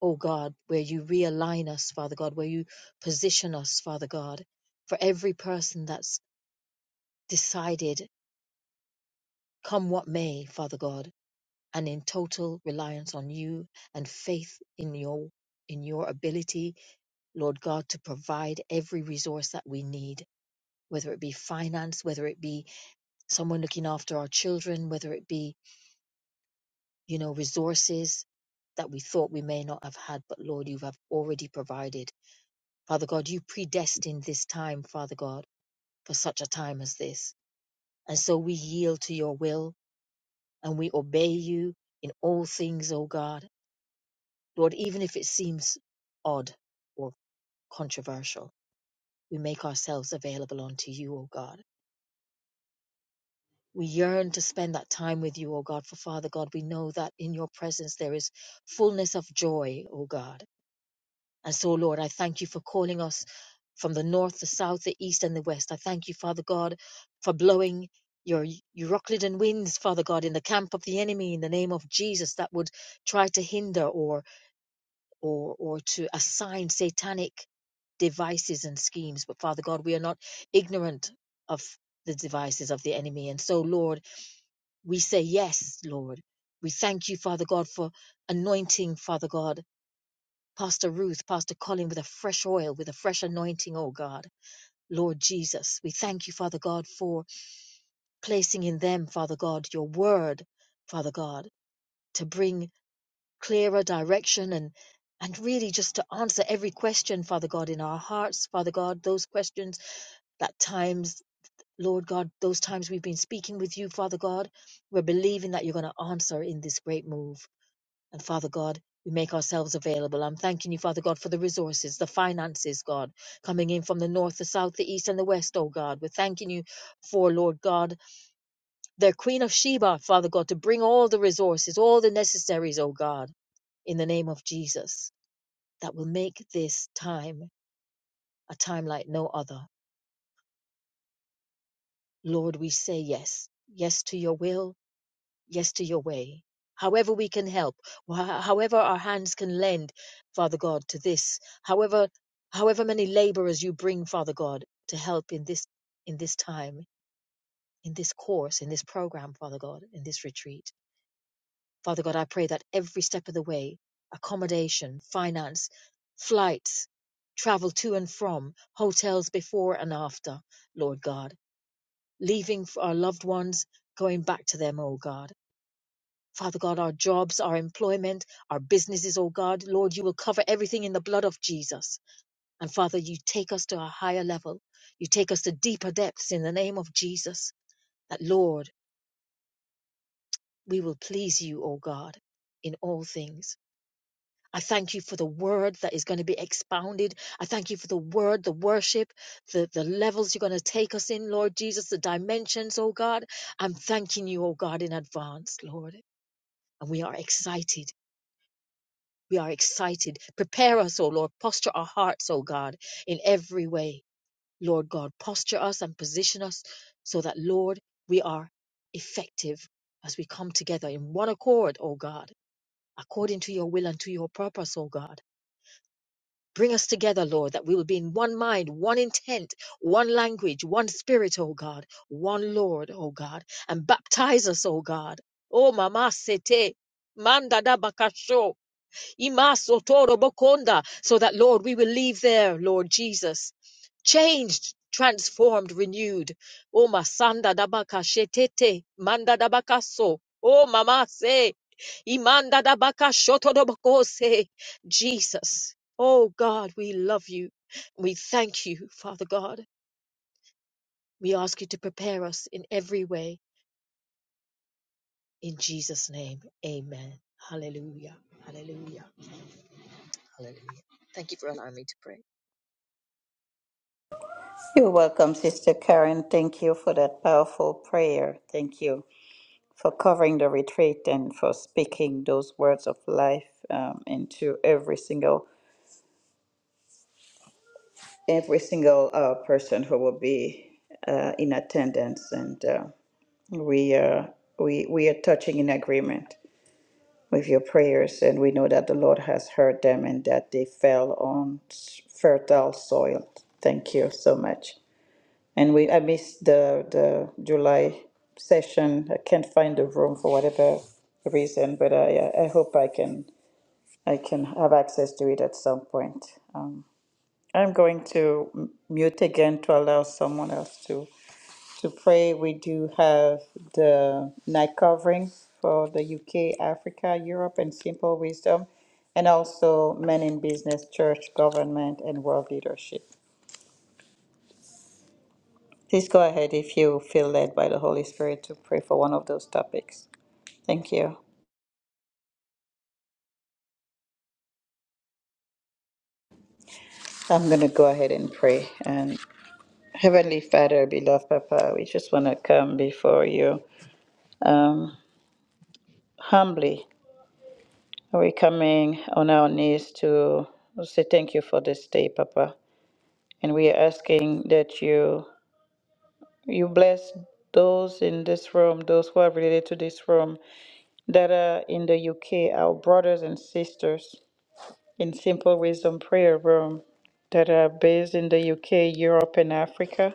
[SPEAKER 6] Oh God, where you realign us, Father God, where you position us, Father God, for every person that's decided, come what may, Father God, and in total reliance on you and faith in your in your ability, Lord God, to provide every resource that we need, whether it be finance, whether it be someone looking after our children, whether it be, you know, resources that we thought we may not have had, but Lord, you have already provided. Father God, you predestined this time, Father God, for such a time as this. And so we yield to your will and we obey you in all things, O God. Lord, even if it seems odd or controversial, we make ourselves available unto you, O God. We yearn to spend that time with you, O God. For Father God, we know that in your presence there is fullness of joy, O God. And so, Lord, I thank you for calling us from the north, the south, the east, and the west. I thank you, Father God, for blowing your Euroclidon winds, Father God, in the camp of the enemy, in the name of Jesus, that would try to hinder or or or to assign satanic devices and schemes. But Father God, we are not ignorant of the devices of the enemy. And so, Lord, we say yes, Lord. We thank you, Father God, for anointing, Father God, Pastor Ruth, Pastor Colin with a fresh oil, with a fresh anointing, oh God. Lord Jesus, we thank you, Father God, for placing in them, Father God, your word, Father God, to bring clearer direction and and really just to answer every question, Father God, in our hearts, Father God, those questions that times, Lord God, those times we've been speaking with you, Father God, we're believing that you're going to answer in this great move. And Father God, we make ourselves available. I'm thanking you, Father God, for the resources, the finances, God, coming in from the north, the south, the east, and the west, oh God. We're thanking you for, Lord God, the Queen of Sheba, Father God, to bring all the resources, all the necessaries, oh God, in the name of Jesus, that will make this time a time like no other. Lord, we say yes. Yes to your will, yes to your way. However, we can help, wh- however, our hands can lend, Father God, to this, however, however many laborers you bring, Father God, to help in this, in this time, in this course, in this program, Father God, in this retreat. Father God, I pray that every step of the way, accommodation, finance, flights, travel to and from, hotels before and after, Lord God, leaving for our loved ones, going back to them, oh God Father God, our jobs, our employment, our businesses, oh God, Lord, you will cover everything in the blood of Jesus. And Father, you take us to a higher level. You take us to deeper depths in the name of Jesus. That, Lord, we will please you, oh God, in all things. I thank you for the word that is going to be expounded. I thank you for the word, the worship, the, the levels you're going to take us in, Lord Jesus, the dimensions, oh God. I'm thanking you, oh God, in advance, Lord. And we are excited We are excited. Prepare us, O Lord. Posture our hearts, O God, in every way. Lord God, posture us and position us so that, Lord, we are effective as we come together in one accord, O God, according to your will and to your purpose, O God. Bring us together, Lord, that we will be in one mind, one intent, one language, one spirit, O God, one Lord, O God, and baptize us, O God. Oh, Mama Sete, Manda da Bakasho, Imaso toro bokonda, so that, Lord, we will leave there, Lord Jesus, changed, transformed, renewed. O masanda dabaka shetete, manda dabaka so. Oh, mama se, imanda dabaka shoto doboko se. Jesus, oh God, we love you. We thank you, Father God. We ask you to prepare us in every way. In Jesus' name, amen. Hallelujah. Hallelujah. Hallelujah. Thank you for allowing me to pray.
[SPEAKER 1] You're welcome, Sister Karen. Thank you for that powerful prayer. Thank you. for covering the retreat and for speaking those words of life um, into every single every single uh, person who will be uh, in attendance and uh, we are we we are touching in agreement with your prayers and we know that the lord has heard them and that they fell on fertile soil thank you so much and we i missed the the july session i can't find the room for whatever reason but i i hope i can I can have access to it at some point. Um, I'm going to m- mute again to allow someone else to, to pray. We do have the night covering for the UK, Africa, Europe, and Simple Wisdom, and also Men in Business, Church, Government, and World Leadership. Please go ahead if you feel led by the Holy Spirit to pray for one of those topics. Thank you. I'm going to go ahead and pray. And Heavenly Father, beloved Papa, we just want to come before you. um, humbly we're coming on our knees to say thank you for this day papa and we are asking that you you bless those in this room those who are related to this room that are in the uk our brothers and sisters in simple wisdom prayer room that are based in the uk europe and africa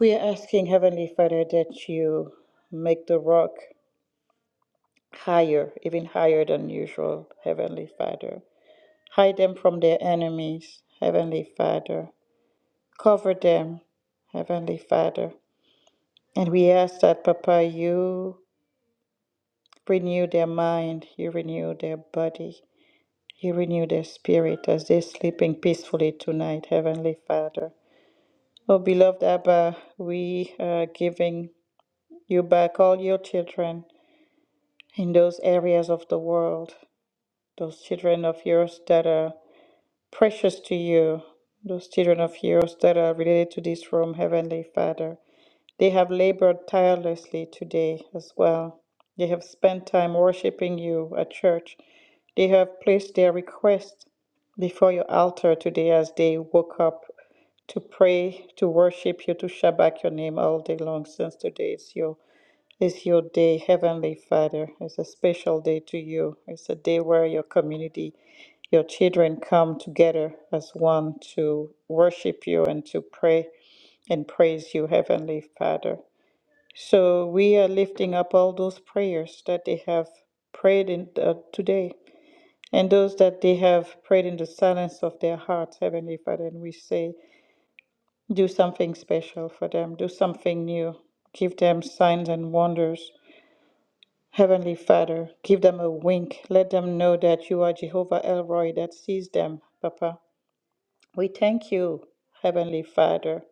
[SPEAKER 1] we are asking heavenly father that you make the rock higher even higher than usual heavenly father Hide them from their enemies, Heavenly Father. Cover them, Heavenly Father. And we ask that, Papa, you renew their mind, you renew their body, you renew their spirit as they're sleeping peacefully tonight, Heavenly Father. Oh, beloved Abba, we are giving you back all your children in those areas of the world, those children of yours that are Precious to you, those children of yours that are related to this room, Heavenly Father. They have labored tirelessly today as well. They have spent time worshiping you at church. They have placed their requests before your altar today as they woke up to pray, to worship you, to shabak your name all day long since today is your it's your day, Heavenly Father. It's a special day to you. It's a day where your community, your children come together as one to worship you and to pray and praise you, Heavenly Father. So we are lifting up all those prayers that they have prayed in uh, today and those that they have prayed in the silence of their hearts, Heavenly Father. And we say, do something special for them, do something new, give them signs and wonders Heavenly Father, give them a wink. Let them know that you are Jehovah Elroy that sees them, Papa. We thank you, Heavenly Father,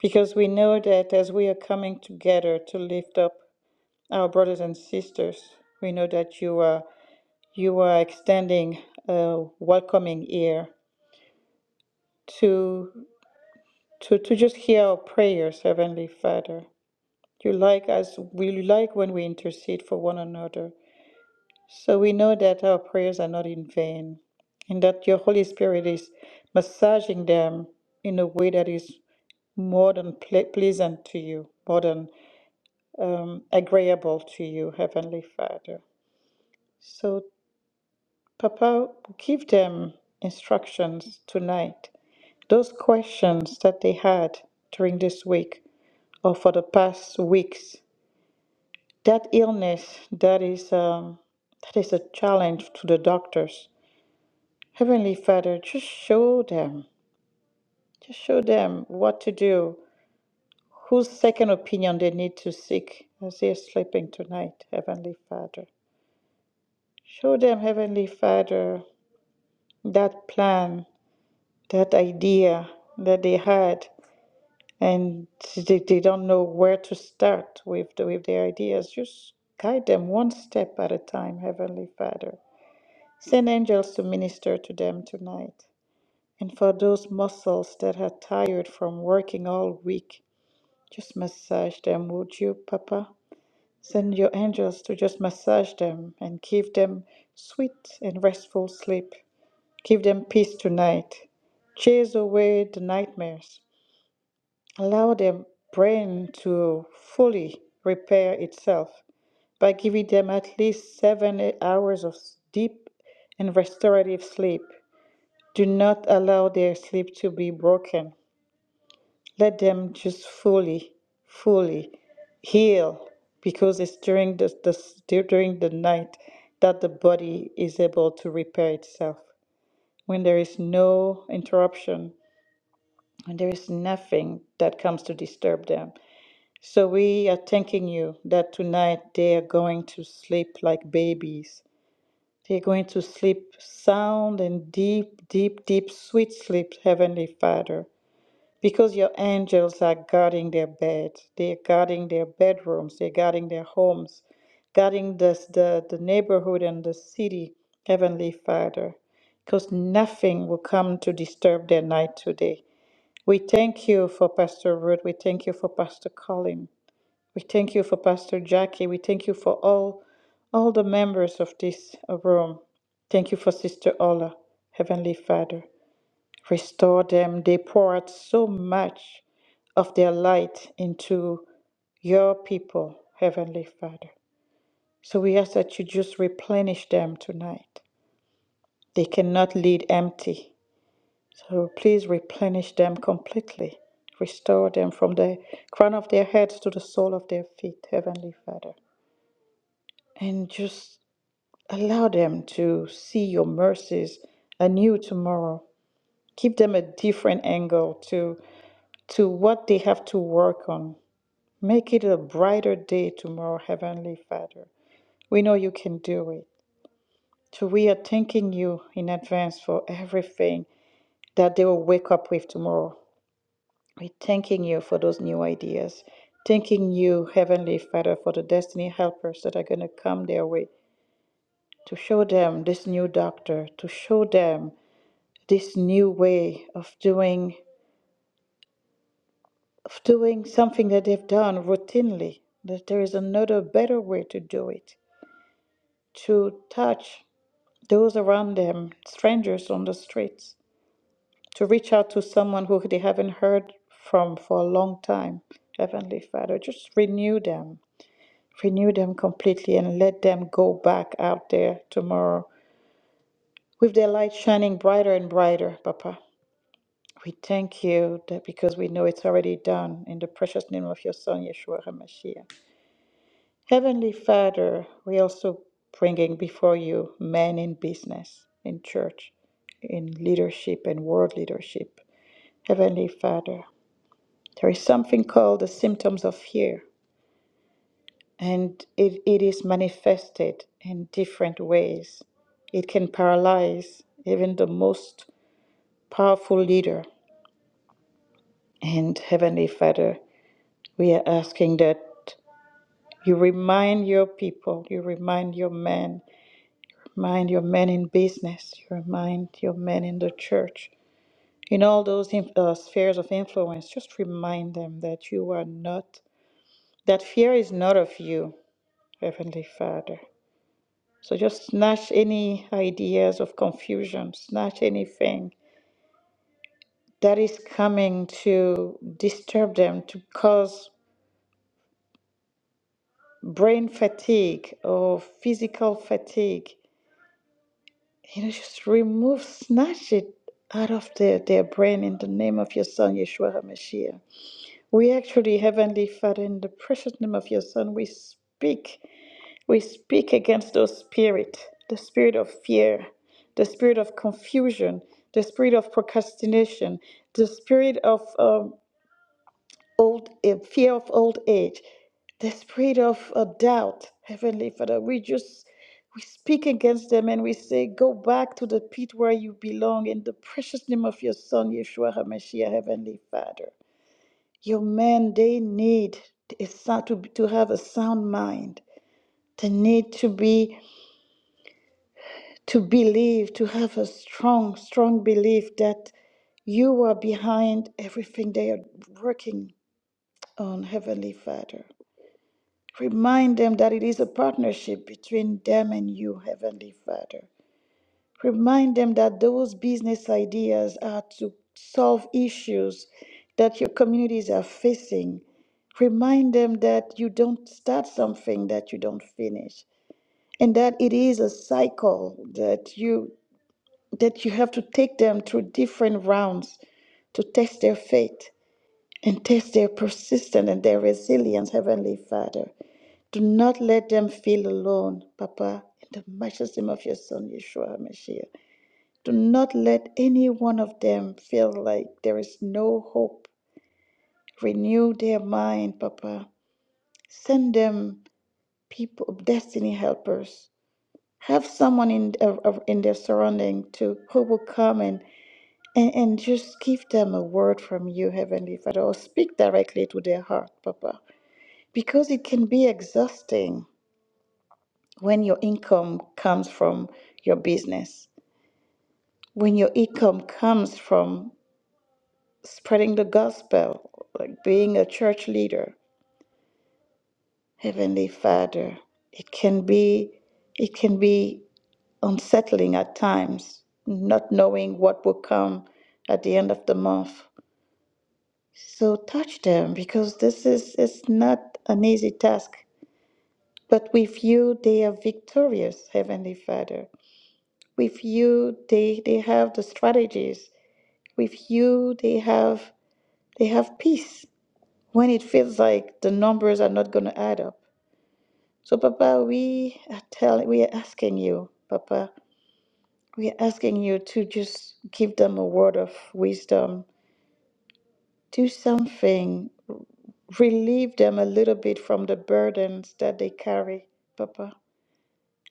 [SPEAKER 1] because we know that as we are coming together to lift up our brothers and sisters, we know that you are you are extending a welcoming ear to to to just hear our prayers, Heavenly Father. You like us. We like when we intercede for one another. So we know that our prayers are not in vain and that your Holy Spirit is massaging them in a way that is more than ple- pleasant to you, more than um, agreeable to you, Heavenly Father. So, Papa, give them instructions tonight. Those questions that they had during this week or for the past weeks, that illness that is, um, that is a challenge to the doctors Heavenly Father, just show them, just show them what to do, whose second opinion they need to seek as they're sleeping tonight, Heavenly Father. Show them, Heavenly Father, that plan, that idea that they had, and they, they don't know where to start with, the, with their ideas. Just guide them one step at a time, Heavenly Father. Send angels to minister to them tonight. And for those muscles that are tired from working all week, just massage them, would you, Papa? Send your angels to just massage them and give them sweet and restful sleep. Give them peace tonight. Chase away the nightmares. Allow their brain to fully repair itself by giving them at least seven hours of deep and restorative sleep. Do not allow their sleep to be broken. let them just fully, fully heal because it's during the, the during the night that the body is able to repair itself. When there is no interruption, when there is nothing that comes to disturb them. So we are thanking you that tonight they are going to sleep like babies. They're going to sleep sound and deep, deep, deep, sweet sleep, Heavenly Father. Because your angels are guarding their bed, they're guarding their bedrooms, they're guarding their homes, guarding this, the, the neighborhood and the city, Heavenly Father, because nothing will come to disturb their night today. We thank you for Pastor Ruth. We thank you for Pastor Colin. We thank you for Pastor Jackie. We thank you for all, all the members of this uh, room. Thank you for Sister Ola, Heavenly Father. Restore them. They poured so much of their light into your people, Heavenly Father. So we ask that you just replenish them tonight. They cannot lead empty. So please replenish them completely. Restore them from the crown of their heads to the sole of their feet, Heavenly Father. And just allow them to see your mercies anew tomorrow. Give them a different angle to to what they have to work on. Make it a brighter day tomorrow, Heavenly Father. We know you can do it. So we are thanking you in advance for everything that they will wake up with tomorrow. We're thanking you for those new ideas. Thanking you, Heavenly Father, for the destiny helpers that are going to come their way to show them this new doctor, to show them this new way of doing of doing something that they've done routinely, that there is another better way to do it, to touch those around them, strangers on the streets, to reach out to someone who they haven't heard from for a long time. Heavenly Father, just renew them, renew them completely, and let them go back out there tomorrow with their light shining brighter and brighter, Papa. We thank you that because we know it's already done in the precious name of your Son, Yeshua HaMashiach. Heavenly Father, we also bringing before you men in business, in church, in leadership and world leadership. Heavenly Father, there is something called the symptoms of fear, and it, it is manifested in different ways. It can paralyze even the most powerful leader. And Heavenly Father, we are asking that you remind your people, you remind your men Mind your men in business. You remind your men in the church. In all those in, uh, spheres of influence, just remind them that you are not, that fear is not of you, Heavenly Father. So just snatch any ideas of confusion, snatch anything that is coming to disturb them, to cause brain fatigue or physical fatigue You know, just remove, snatch it out of their, their brain in the name of your Son, Yeshua HaMashiach. We actually, Heavenly Father, in the precious name of your Son, we speak. We speak against those spirit, the spirit of fear, the spirit of confusion, the spirit of procrastination, the spirit of um, old uh, fear of old age, the spirit of uh, doubt, Heavenly Father. We just we speak against them and we say, go back to the pit where you belong in the precious name of your Son, Yeshua HaMashiach, Heavenly Father. Your men, they need a sound, to, to have a sound mind. They need to be to believe, to have a strong, strong belief that you are behind everything they are working on, Heavenly Father. Remind them that it is a partnership between them and you, Heavenly Father. Remind them that those business ideas are to solve issues that your communities are facing. Remind them that you don't start something that you don't finish and that it is a cycle that you that you have to take them through different rounds to test their faith and test their persistence and their resilience, Heavenly Father. Do not let them feel alone, Papa, in the matchless name of your Son, Yeshua HaMashiach. Do not let any one of them feel like there is no hope. Renew their mind, Papa. Send them people, destiny helpers. Have someone in, uh, uh, in their surrounding to who will come and, and, and just give them a word from you, Heavenly Father, or speak directly to their heart, Papa, because it can be exhausting when your income comes from your business, when your income comes from spreading the gospel, like being a church leader, Heavenly Father, it can be it can be unsettling at times, not knowing what will come at the end of the month. So touch them because this is it's not an easy task. But with you they are victorious, Heavenly Father. With you they, they have the strategies with you they have they have peace when it feels like the numbers are not going to add up so papa we are telling we are asking you papa we are asking you to just give them a word of wisdom do something relieve them a little bit from the burdens that they carry papa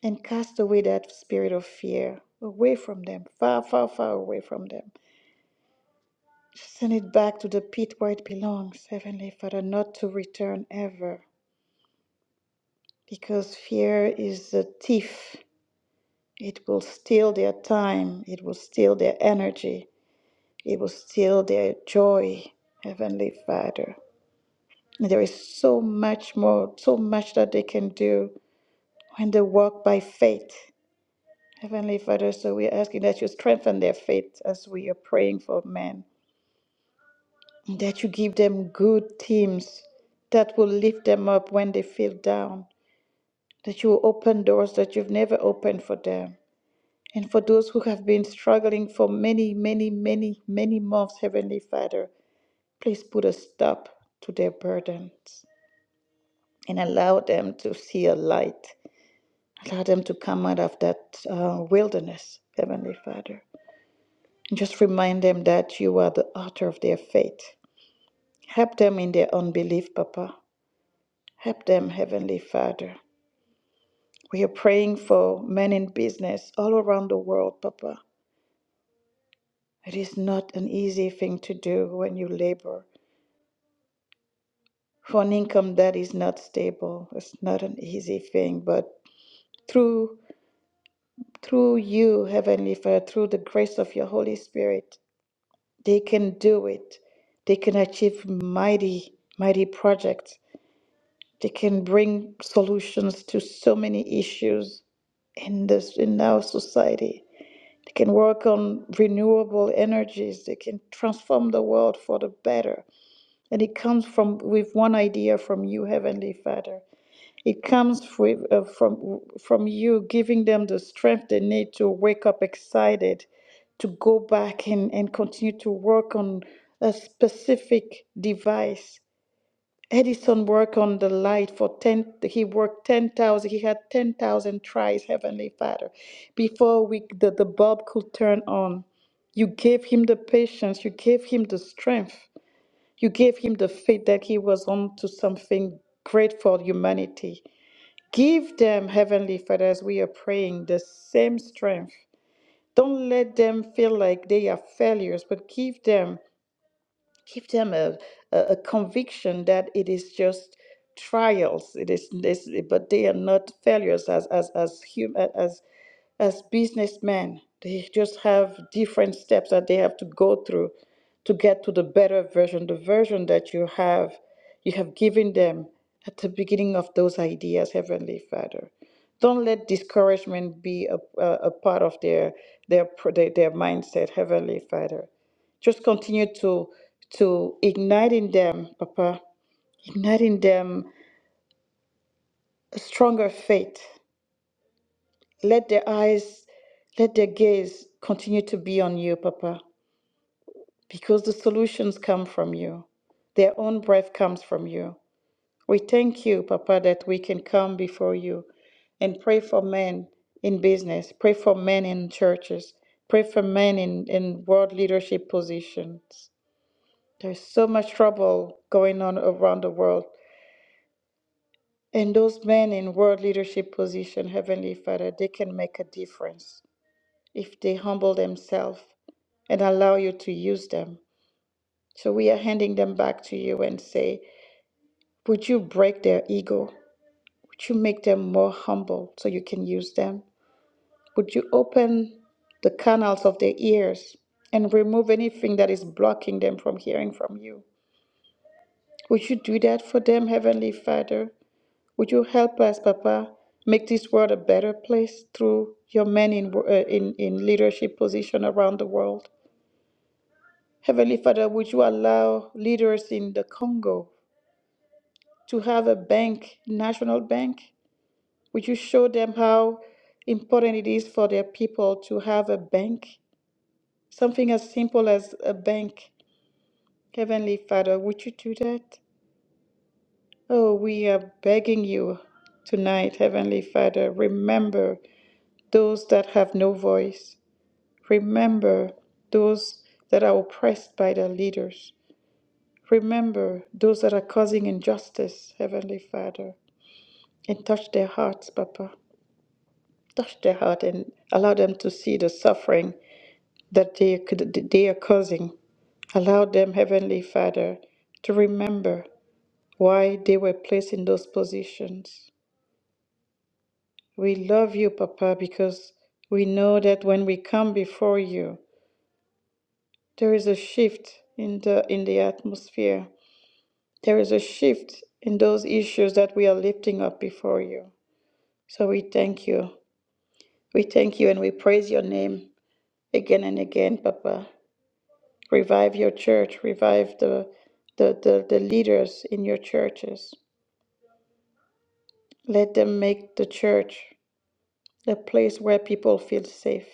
[SPEAKER 1] and cast away that spirit of fear away from them far far far away from them Send it back to the pit where it belongs, Heavenly Father, not to return ever. Because fear is a thief. It will steal their time, it will steal their energy, it will steal their joy, Heavenly Father. And there is so much more, so much that they can do when they walk by faith. Heavenly Father, so we are asking that you strengthen their faith as we are praying for men. that you give them good teams that will lift them up when they feel down, that you will open doors that you've never opened for them. And for those who have been struggling for many, many, many, many months, Heavenly Father, please put a stop to their burdens and allow them to see a light. Allow them to come out of that uh, wilderness, Heavenly Father. And just remind them that you are the author of their faith. Help them in their unbelief, Papa. Help them, Heavenly Father. We are praying for men in business all around the world, Papa. It is not an easy thing to do when you labor for an income that is not stable. It's not an easy thing, but through through you, Heavenly Father, through the grace of your Holy Spirit, they can do it. They can achieve mighty, mighty projects. They can bring solutions to so many issues in this in our society. They can work on renewable energies. They can transform the world for the better. And it comes from with one idea from you, Heavenly Father. It comes with, uh, from from you giving them the strength they need to wake up excited, to go back and, and continue to work on a specific device Edison worked on the light for 10, he worked 10,000, he had 10,000 tries, Heavenly Father, before we, the, the bulb could turn on. You gave him the patience, you gave him the strength, you gave him the faith that he was on to something great for humanity. Give them, Heavenly Father, as we are praying, the same strength. Don't let them feel like they are failures, but give them give them a, a, a conviction that it is just trials it is this but they are not failures as as as human as as businessmen they just have different steps that they have to go through to get to the better version the version that you have you have given them at the beginning of those ideas heavenly father don't let discouragement be a, a, a part of their their, their their mindset heavenly father just continue to to ignite in them, Papa, ignite in them a stronger faith. Let their eyes, let their gaze continue to be on you, Papa, because the solutions come from you. Their own breath comes from you. We thank you, Papa, that we can come before you and pray for men in business, pray for men in churches, pray for men in, in world leadership positions. There's so much trouble going on around the world. And those men in world leadership position, Heavenly Father, they can make a difference if they humble themselves and allow you to use them. So we are handing them back to you and say, would you break their ego? Would you make them more humble so you can use them? Would you open the canals of their ears and remove anything that is blocking them from hearing from you? Would you do that for them, Heavenly Father? Would you help us, Papa, make this world a better place through your men in, uh, in, in leadership position around the world? Heavenly Father, would you allow leaders in the Congo to have a bank, national bank? Would you show them how important it is for their people to have a bank? Something as simple as a bank. Heavenly Father, would you do that? Oh, we are begging you tonight, Heavenly Father, remember those that have no voice. Remember those that are oppressed by their leaders. Remember those that are causing injustice, Heavenly Father. And touch their hearts, Papa. Touch their heart and allow them to see the suffering that they, they are causing. Allow them, Heavenly Father, to remember why they were placed in those positions. We love you, Papa, because we know that when we come before you, there is a shift in the, in the atmosphere. There is a shift in those issues that we are lifting up before you. So we thank you. We thank you and we praise your name again and again, Papa. Revive your church, revive the, the, the, the leaders in your churches. Let them make the church a place where people feel safe,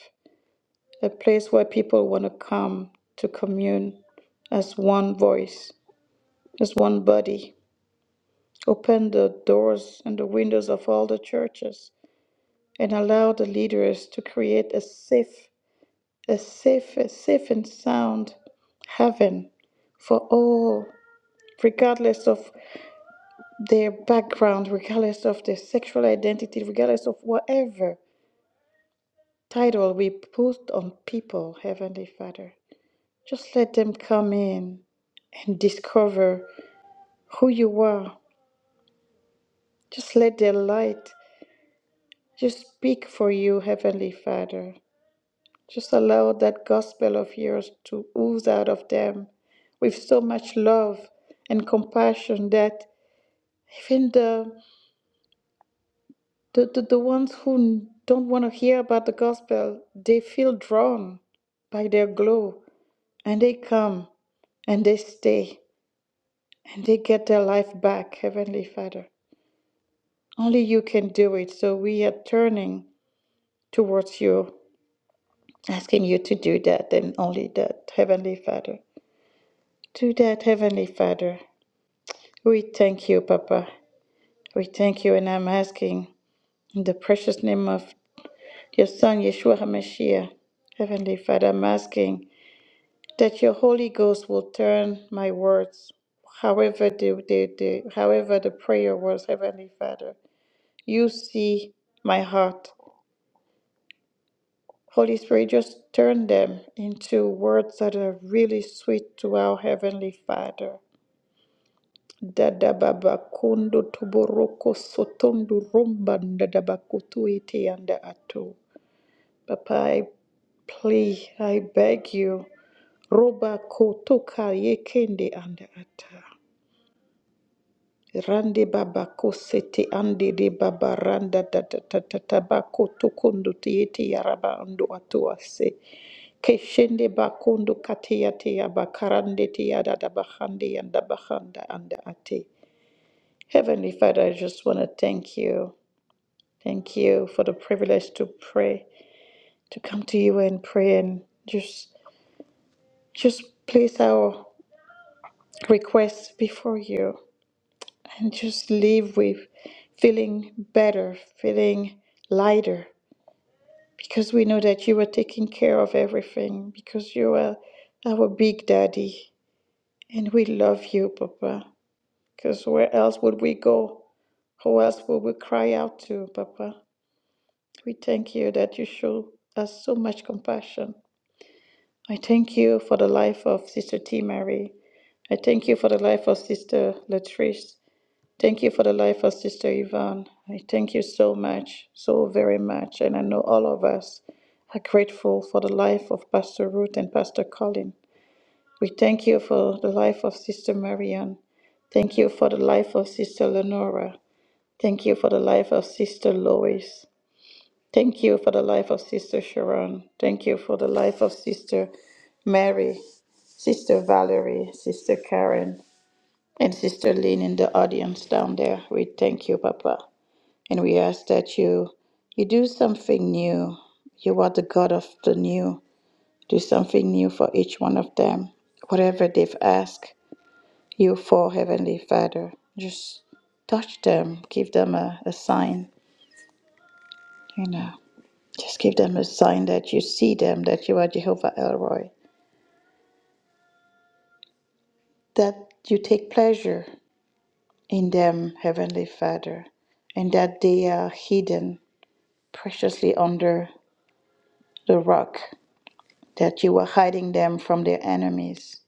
[SPEAKER 1] a place where people want to come to commune as one voice, as one body. Open the doors and the windows of all the churches and allow the leaders to create a safe, a safe, a safe and sound heaven for all, regardless of their background, regardless of their sexual identity, regardless of whatever title we put on people, Heavenly Father. Just let them come in and discover who you are. Just let their light just speak for you, Heavenly Father. Just allow that gospel of yours to ooze out of them with so much love and compassion that even the the, the, the ones who don't want to hear about the gospel, they feel drawn by their glow and they come and they stay and they get their life back, Heavenly Father. Only you can do it. So we are turning towards you, asking you to do that and only that, Heavenly Father. Do that, Heavenly Father. We thank you, Papa. We thank you, and I'm asking in the precious name of your Son, Yeshua HaMashiach, Heavenly Father, I'm asking that your Holy Ghost will turn my words, however the, the, the, however the prayer was, Heavenly Father. You see my heart. Holy Spirit, just turn them into words that are really sweet to our Heavenly Father. Dada baba kondo toboroko sotondo romba dada bakutu ete yanda ato. Papa, I plead, I beg you, roba kotoka yekende anda ata. Rande baba kosete ande de baba randa dada tata tabako tokondo tiete yaraba ando ato ase. Keshende bakondo kate yate yabakarande te yada dabahande yanda bahanda anda ate. Heavenly Father, I just want to thank you. Thank you for the privilege to pray, to come to you and pray and just just place our requests before you and just leave with feeling better, feeling lighter because we know that you are taking care of everything because you are our big daddy and we love you, Papa. Because where else would we go? Who else would we cry out to, Papa? We thank you that you show us so much compassion. I thank you for the life of Sister T. Mary. I thank you for the life of Sister Latrice. Thank you for the life of Sister Yvonne. I thank you so much, so very much. And I know all of us are grateful for the life of Pastor Ruth and Pastor Colin. We thank you for the life of Sister Marianne. Thank you for the life of Sister Lenora. Thank you for the life of Sister Lois. Thank you for the life of Sister Sharon. Thank you for the life of Sister Mary, Sister Valerie, Sister Karen, and Sister Lynn in the audience down there. We thank you, Papa. And we ask that you you do something new. You are the God of the new. Do something new for each one of them. Whatever they've asked you for, Heavenly Father, just touch them, give them a, a sign, you know. Just give them a sign that you see them, that you are Jehovah Elroy, that you take pleasure in them, Heavenly Father, and that they are hidden preciously under the rock, that you are hiding them from their enemies,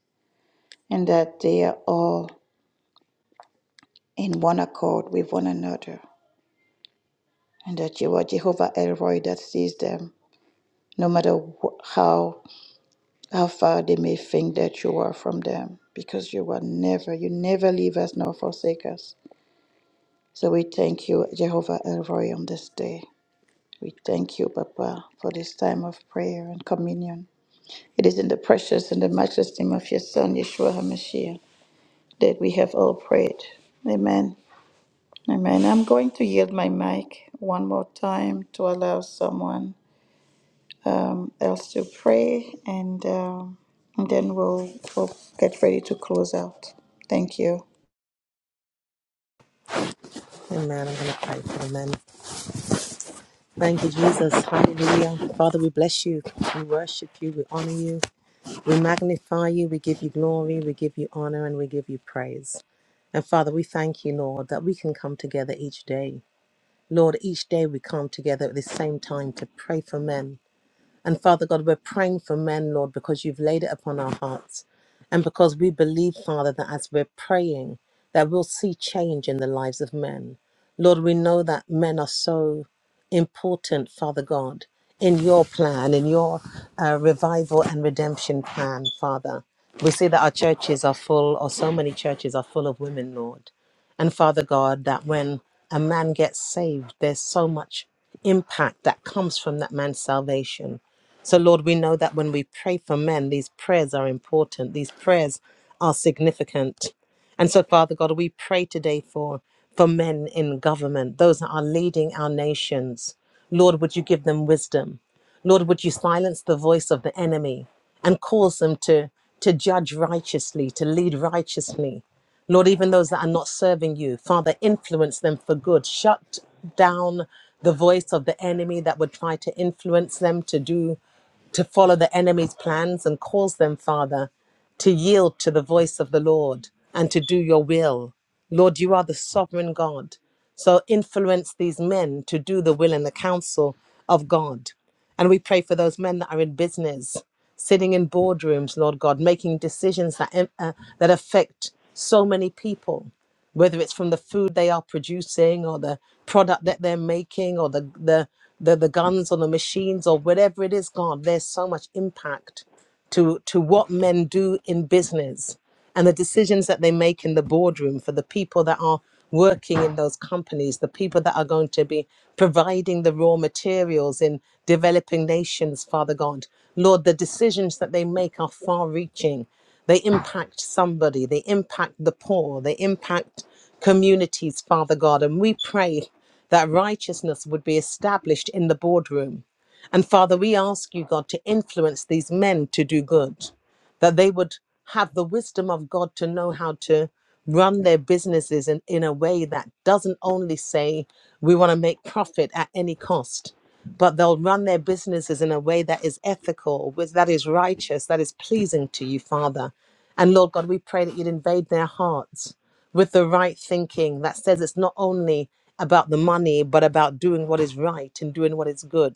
[SPEAKER 1] and that they are all in one accord with one another, and that you are Jehovah Elroy that sees them, no matter wh- how how far they may think that you are from them, because you are never, you never leave us nor forsake us. So we thank you, Jehovah El Roy, on this day. We thank you, Papa, for this time of prayer and communion. It is in the precious and the matchless name of your Son, Yeshua HaMashiach, that we have all prayed. Amen. Amen. I'm going to yield my mic one more time to allow someone um, else to pray, and, um, and then we'll, we'll get ready to close out. Thank you.
[SPEAKER 5] Amen. I'm going to pray for the men. Thank you, Jesus. Hallelujah. Father, we bless you. We worship you. We honor you. We magnify you. We give you glory. We give you honor and we give you praise. And Father, we thank you, Lord, that we can come together each day. Lord, each day we come together at this same time to pray for men And Father God, we're praying for men, Lord, because you've laid it upon our hearts. And because we believe, Father, that as we're praying, that we'll see change in the lives of men. Lord, we know that men are so important, Father God, in your plan, in your uh, revival and redemption plan, Father. We see that our churches are full, or so many churches are full of women, Lord. And Father God, that when a man gets saved, there's so much impact that comes from that man's salvation. So, Lord, we know that when we pray for men, these prayers are important, these prayers are significant. And so, Father God, we pray today for, for men in government, those that are leading our nations. Lord, would you give them wisdom? Lord, would you silence the voice of the enemy and cause them to, to judge righteously, to lead righteously? Lord, even those that are not serving you, Father, influence them for good. Shut down the voice of the enemy that would try to influence them to do to follow the enemy's plans and cause them, Father, to yield to the voice of the Lord and to do your will. Lord, you are the sovereign God. So influence these men to do the will and the counsel of God. And we pray for those men that are in business, sitting in boardrooms, Lord God, making decisions that, uh, that affect so many people whether it's from the food they are producing or the product that they're making or the the the, the guns or the machines or whatever it is god there's so much impact to to what men do in business and the decisions that they make in the boardroom for the people that are working in those companies, the people that are going to be providing the raw materials in developing nations, Father God. Lord, the decisions that they make are far reaching. They impact somebody, they impact the poor, they impact communities, Father God. And we pray that righteousness would be established in the boardroom. And Father, we ask you, God, to influence these men to do good that they would have the wisdom of God to know how to run their businesses in, in a way that doesn't only say we want to make profit at any cost, but they'll run their businesses in a way that is ethical, with that is righteous, that is pleasing to you, Father. And Lord God, we pray that you'd invade their hearts with the right thinking that says it's not only about the money, but about doing what is right and doing what is good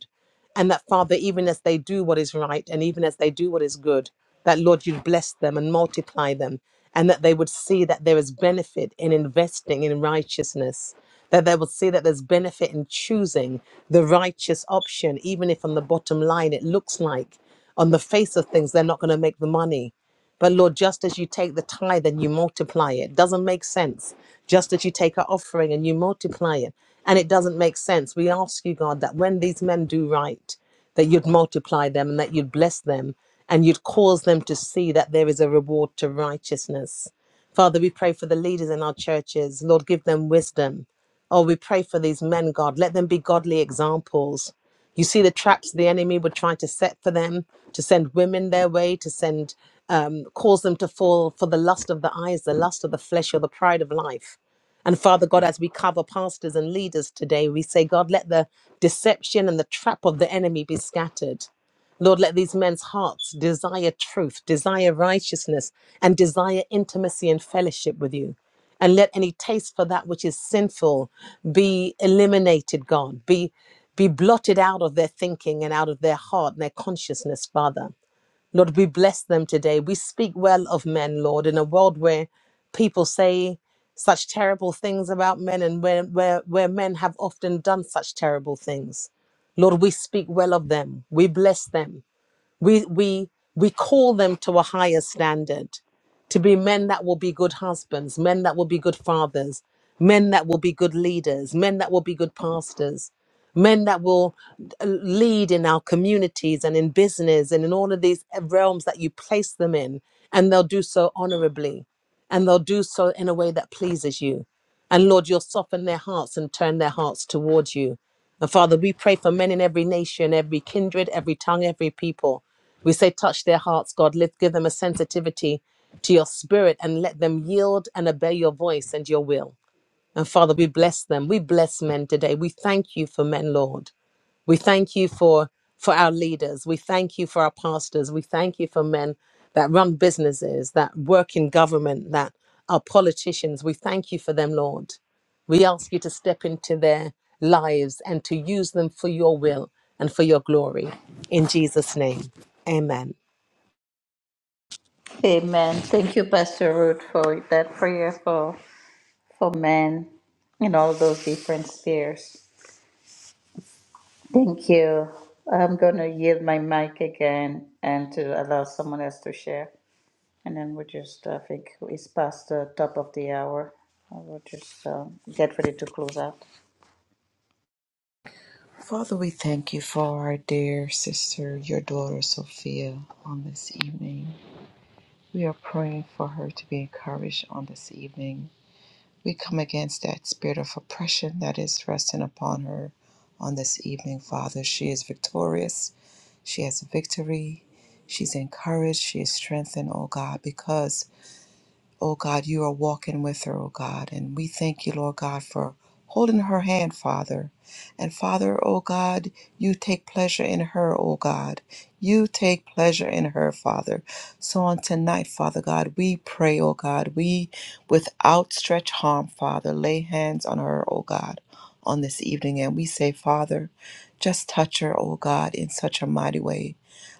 [SPEAKER 5] and that, Father, even as they do what is right and even as they do what is good, that, Lord, you'd bless them and multiply them, and that they would see that there is benefit in investing in righteousness, that they would see that there's benefit in choosing the righteous option, even if on the bottom line it looks like on the face of things they're not going to make the money. But Lord, just as you take the tithe and you multiply it, doesn't make sense. Just as you take our offering and you multiply it, and it doesn't make sense. We ask you, God, that when these men do right, that you'd multiply them and that you'd bless them and you'd cause them to see that there is a reward to righteousness. Father, we pray for the leaders in our churches. Lord, give them wisdom. Oh, we pray for these men, God. Let them be godly examples. You see the traps the enemy were trying to set for them to send women their way, to send, um, cause them to fall for the lust of the eyes, the lust of the flesh, or the pride of life. And Father God, as we cover pastors and leaders today, we say, God, let the deception and the trap of the enemy be scattered. Lord, let these men's hearts desire truth, desire righteousness, and desire intimacy and fellowship with you and let any taste for that which is sinful be eliminated god be be blotted out of their thinking and out of their heart and their consciousness father lord we bless them today we speak well of men lord in a world where people say such terrible things about men and where where, where men have often done such terrible things lord we speak well of them we bless them we we we call them to a higher standard to be men that will be good husbands men that will be good fathers men that will be good leaders men that will be good pastors men that will uh, lead in our communities and in business and in all of these uh, realms that you place them in and they'll do so honorably and they'll do so in a way that pleases you and lord you'll soften their hearts and turn their hearts towards you and Father, we pray for men in every nation, every kindred, every tongue, every people. We say, touch their hearts, God. Lift, give them a sensitivity to your spirit and let them yield and obey your voice and your will. And Father, we bless them. We bless men today. We thank you for men, Lord. We thank you for for our leaders. We thank you for our pastors. We thank you for men that run businesses, that work in government, that are politicians. We thank you for them, Lord. We ask you to step into their lives and to use them for your will and for your glory. In Jesus' name, amen.
[SPEAKER 1] Amen. Thank you, Pastor Ruth, for that prayer for for men in all those different spheres. Thank you. I'm going to yield my mic again and to allow someone else to share. And then we just, I think it's past the top of the hour. I will just um, get ready to close out.
[SPEAKER 2] Father, we thank you for our dear sister, your daughter Sophia, on this evening. We are praying for her to be encouraged on this evening. We come against that spirit of oppression that is resting upon her on this evening, Father. She is victorious. She has victory. She's encouraged. She is strengthened, oh God, because Oh God, you are walking with her, oh God. And we thank you, Lord God, for holding her hand, Father. And Father, oh God, you take pleasure in her, oh God. You take pleasure in her, Father. So on tonight, Father God, we pray, oh God, we with outstretched arm, Father, lay hands on her, oh God, on this evening. And we say, Father, just touch her, oh God, in such a mighty way,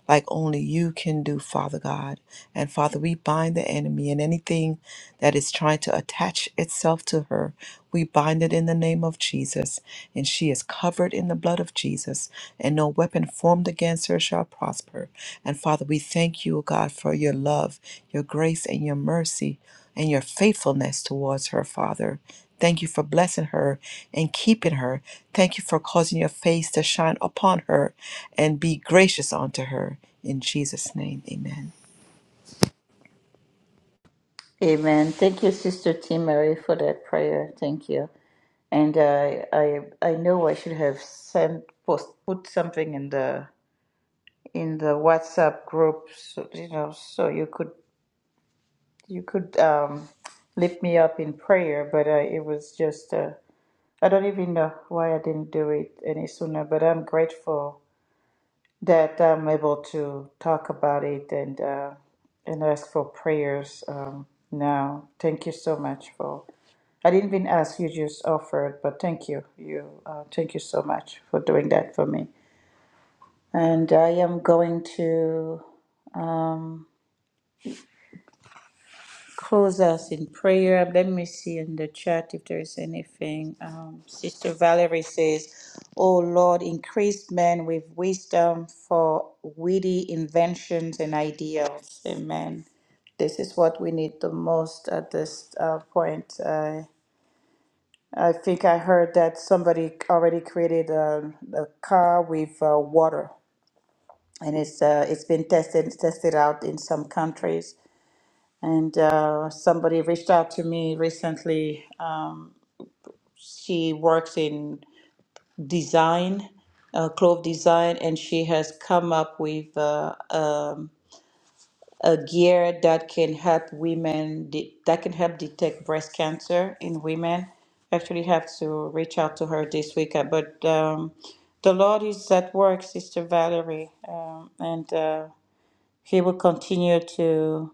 [SPEAKER 2] like only you can do, Father God. And Father, we bind the enemy and anything that is trying to attach itself to her. We bind it in the name of Jesus. And she is covered in the blood of Jesus. And no weapon formed against her shall prosper. And Father, we thank you, O God, for your love, your grace, and your mercy, and your faithfulness towards her, Father. Thank you for blessing her and keeping her. Thank you for causing your face to shine upon her and be gracious unto her. In Jesus' name, amen.
[SPEAKER 1] Amen. Thank you, Sister T. Mary, for that prayer. Thank you. And I, I, I know I should have sent post, put something in the in the WhatsApp group, so, you know, so you could you could um, lift me up in prayer, but uh, it was just, uh, I don't even know why I didn't do it any sooner, but I'm grateful that I'm able to talk about it and, uh, and ask for prayers um, now. Thank you so much for. I didn't even ask you just offered, but thank you. You uh, thank you so much for doing that for me. And I am going to. um, close us in prayer. Let me see in the chat if there is anything. Um, Sister Valerie says, Oh Lord, increase men with wisdom for witty inventions and ideals. Amen. This is what we need the most at this uh, point. Uh, I think I heard that somebody already created a, a car with uh, water, and it's uh, it's been tested tested out in some countries and uh, somebody reached out to me recently. Uh, she works in design, uh, clove design, and she has come up with uh, um, a gear that can help women de- that can help detect breast cancer in women. Actually, have to reach out to her this week. uh, But um, the Lord is at work, Sister Valerie, um, and uh, He will continue to.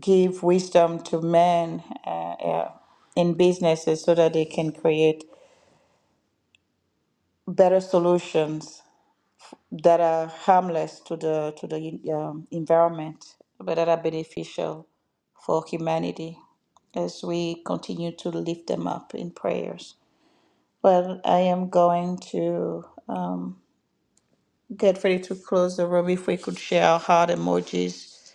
[SPEAKER 1] give wisdom to men uh, uh, in businesses so that they can create better solutions that are harmless to the to the um, environment, but that are beneficial for humanity as we continue to lift them up in prayers. Well, I am going to um, get ready to close the room. If we could share our heart emojis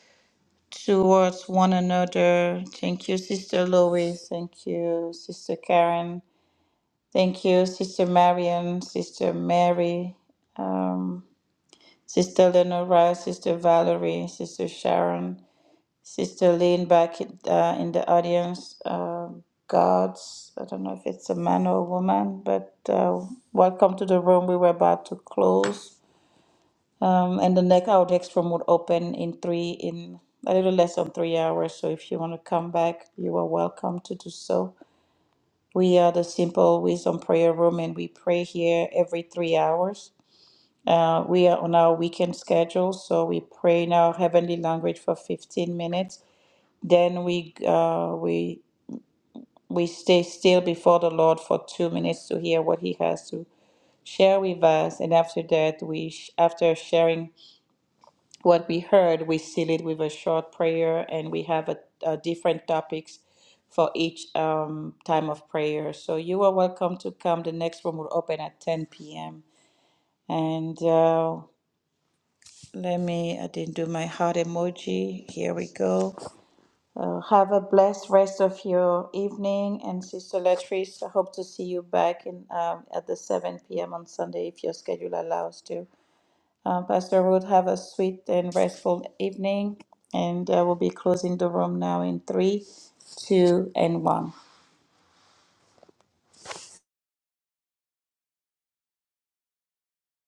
[SPEAKER 1] towards one another. Thank you, Sister Lois. Thank you, Sister Karen. Thank you, Sister Marian, Sister Mary, um, Sister Lenora, Sister Valerie, Sister Sharon, Sister Lynn back in, uh, in the audience. Um God's, I don't know if it's a man or a woman, but uh, welcome to the room. We were about to close. Um, and the next our next room would open in three in a little less than three hours. So if you want to come back, you are welcome to do so. We are the Simple Wisdom Prayer Room, and we pray here every three hours. Uh, we are on our weekend schedule, so we pray in our heavenly language for 15 minutes. Then we uh, we we stay still before the Lord for two minutes to hear what He has to share with us, and after that, we sh- after sharing what we heard, we seal it with a short prayer, and we have a, a different topics for each um, time of prayer. So you are welcome to come. The next room will open at 10 p.m. And uh, let me, I didn't do my heart emoji. Here we go. Uh, have a blessed rest of your evening. And Sister Latrice, I hope to see you back in um, at the 7 p.m. on Sunday if your schedule allows to. Uh, Pastor Ruth, have a sweet and restful evening, and uh, we'll be closing the room now in three, two, and one.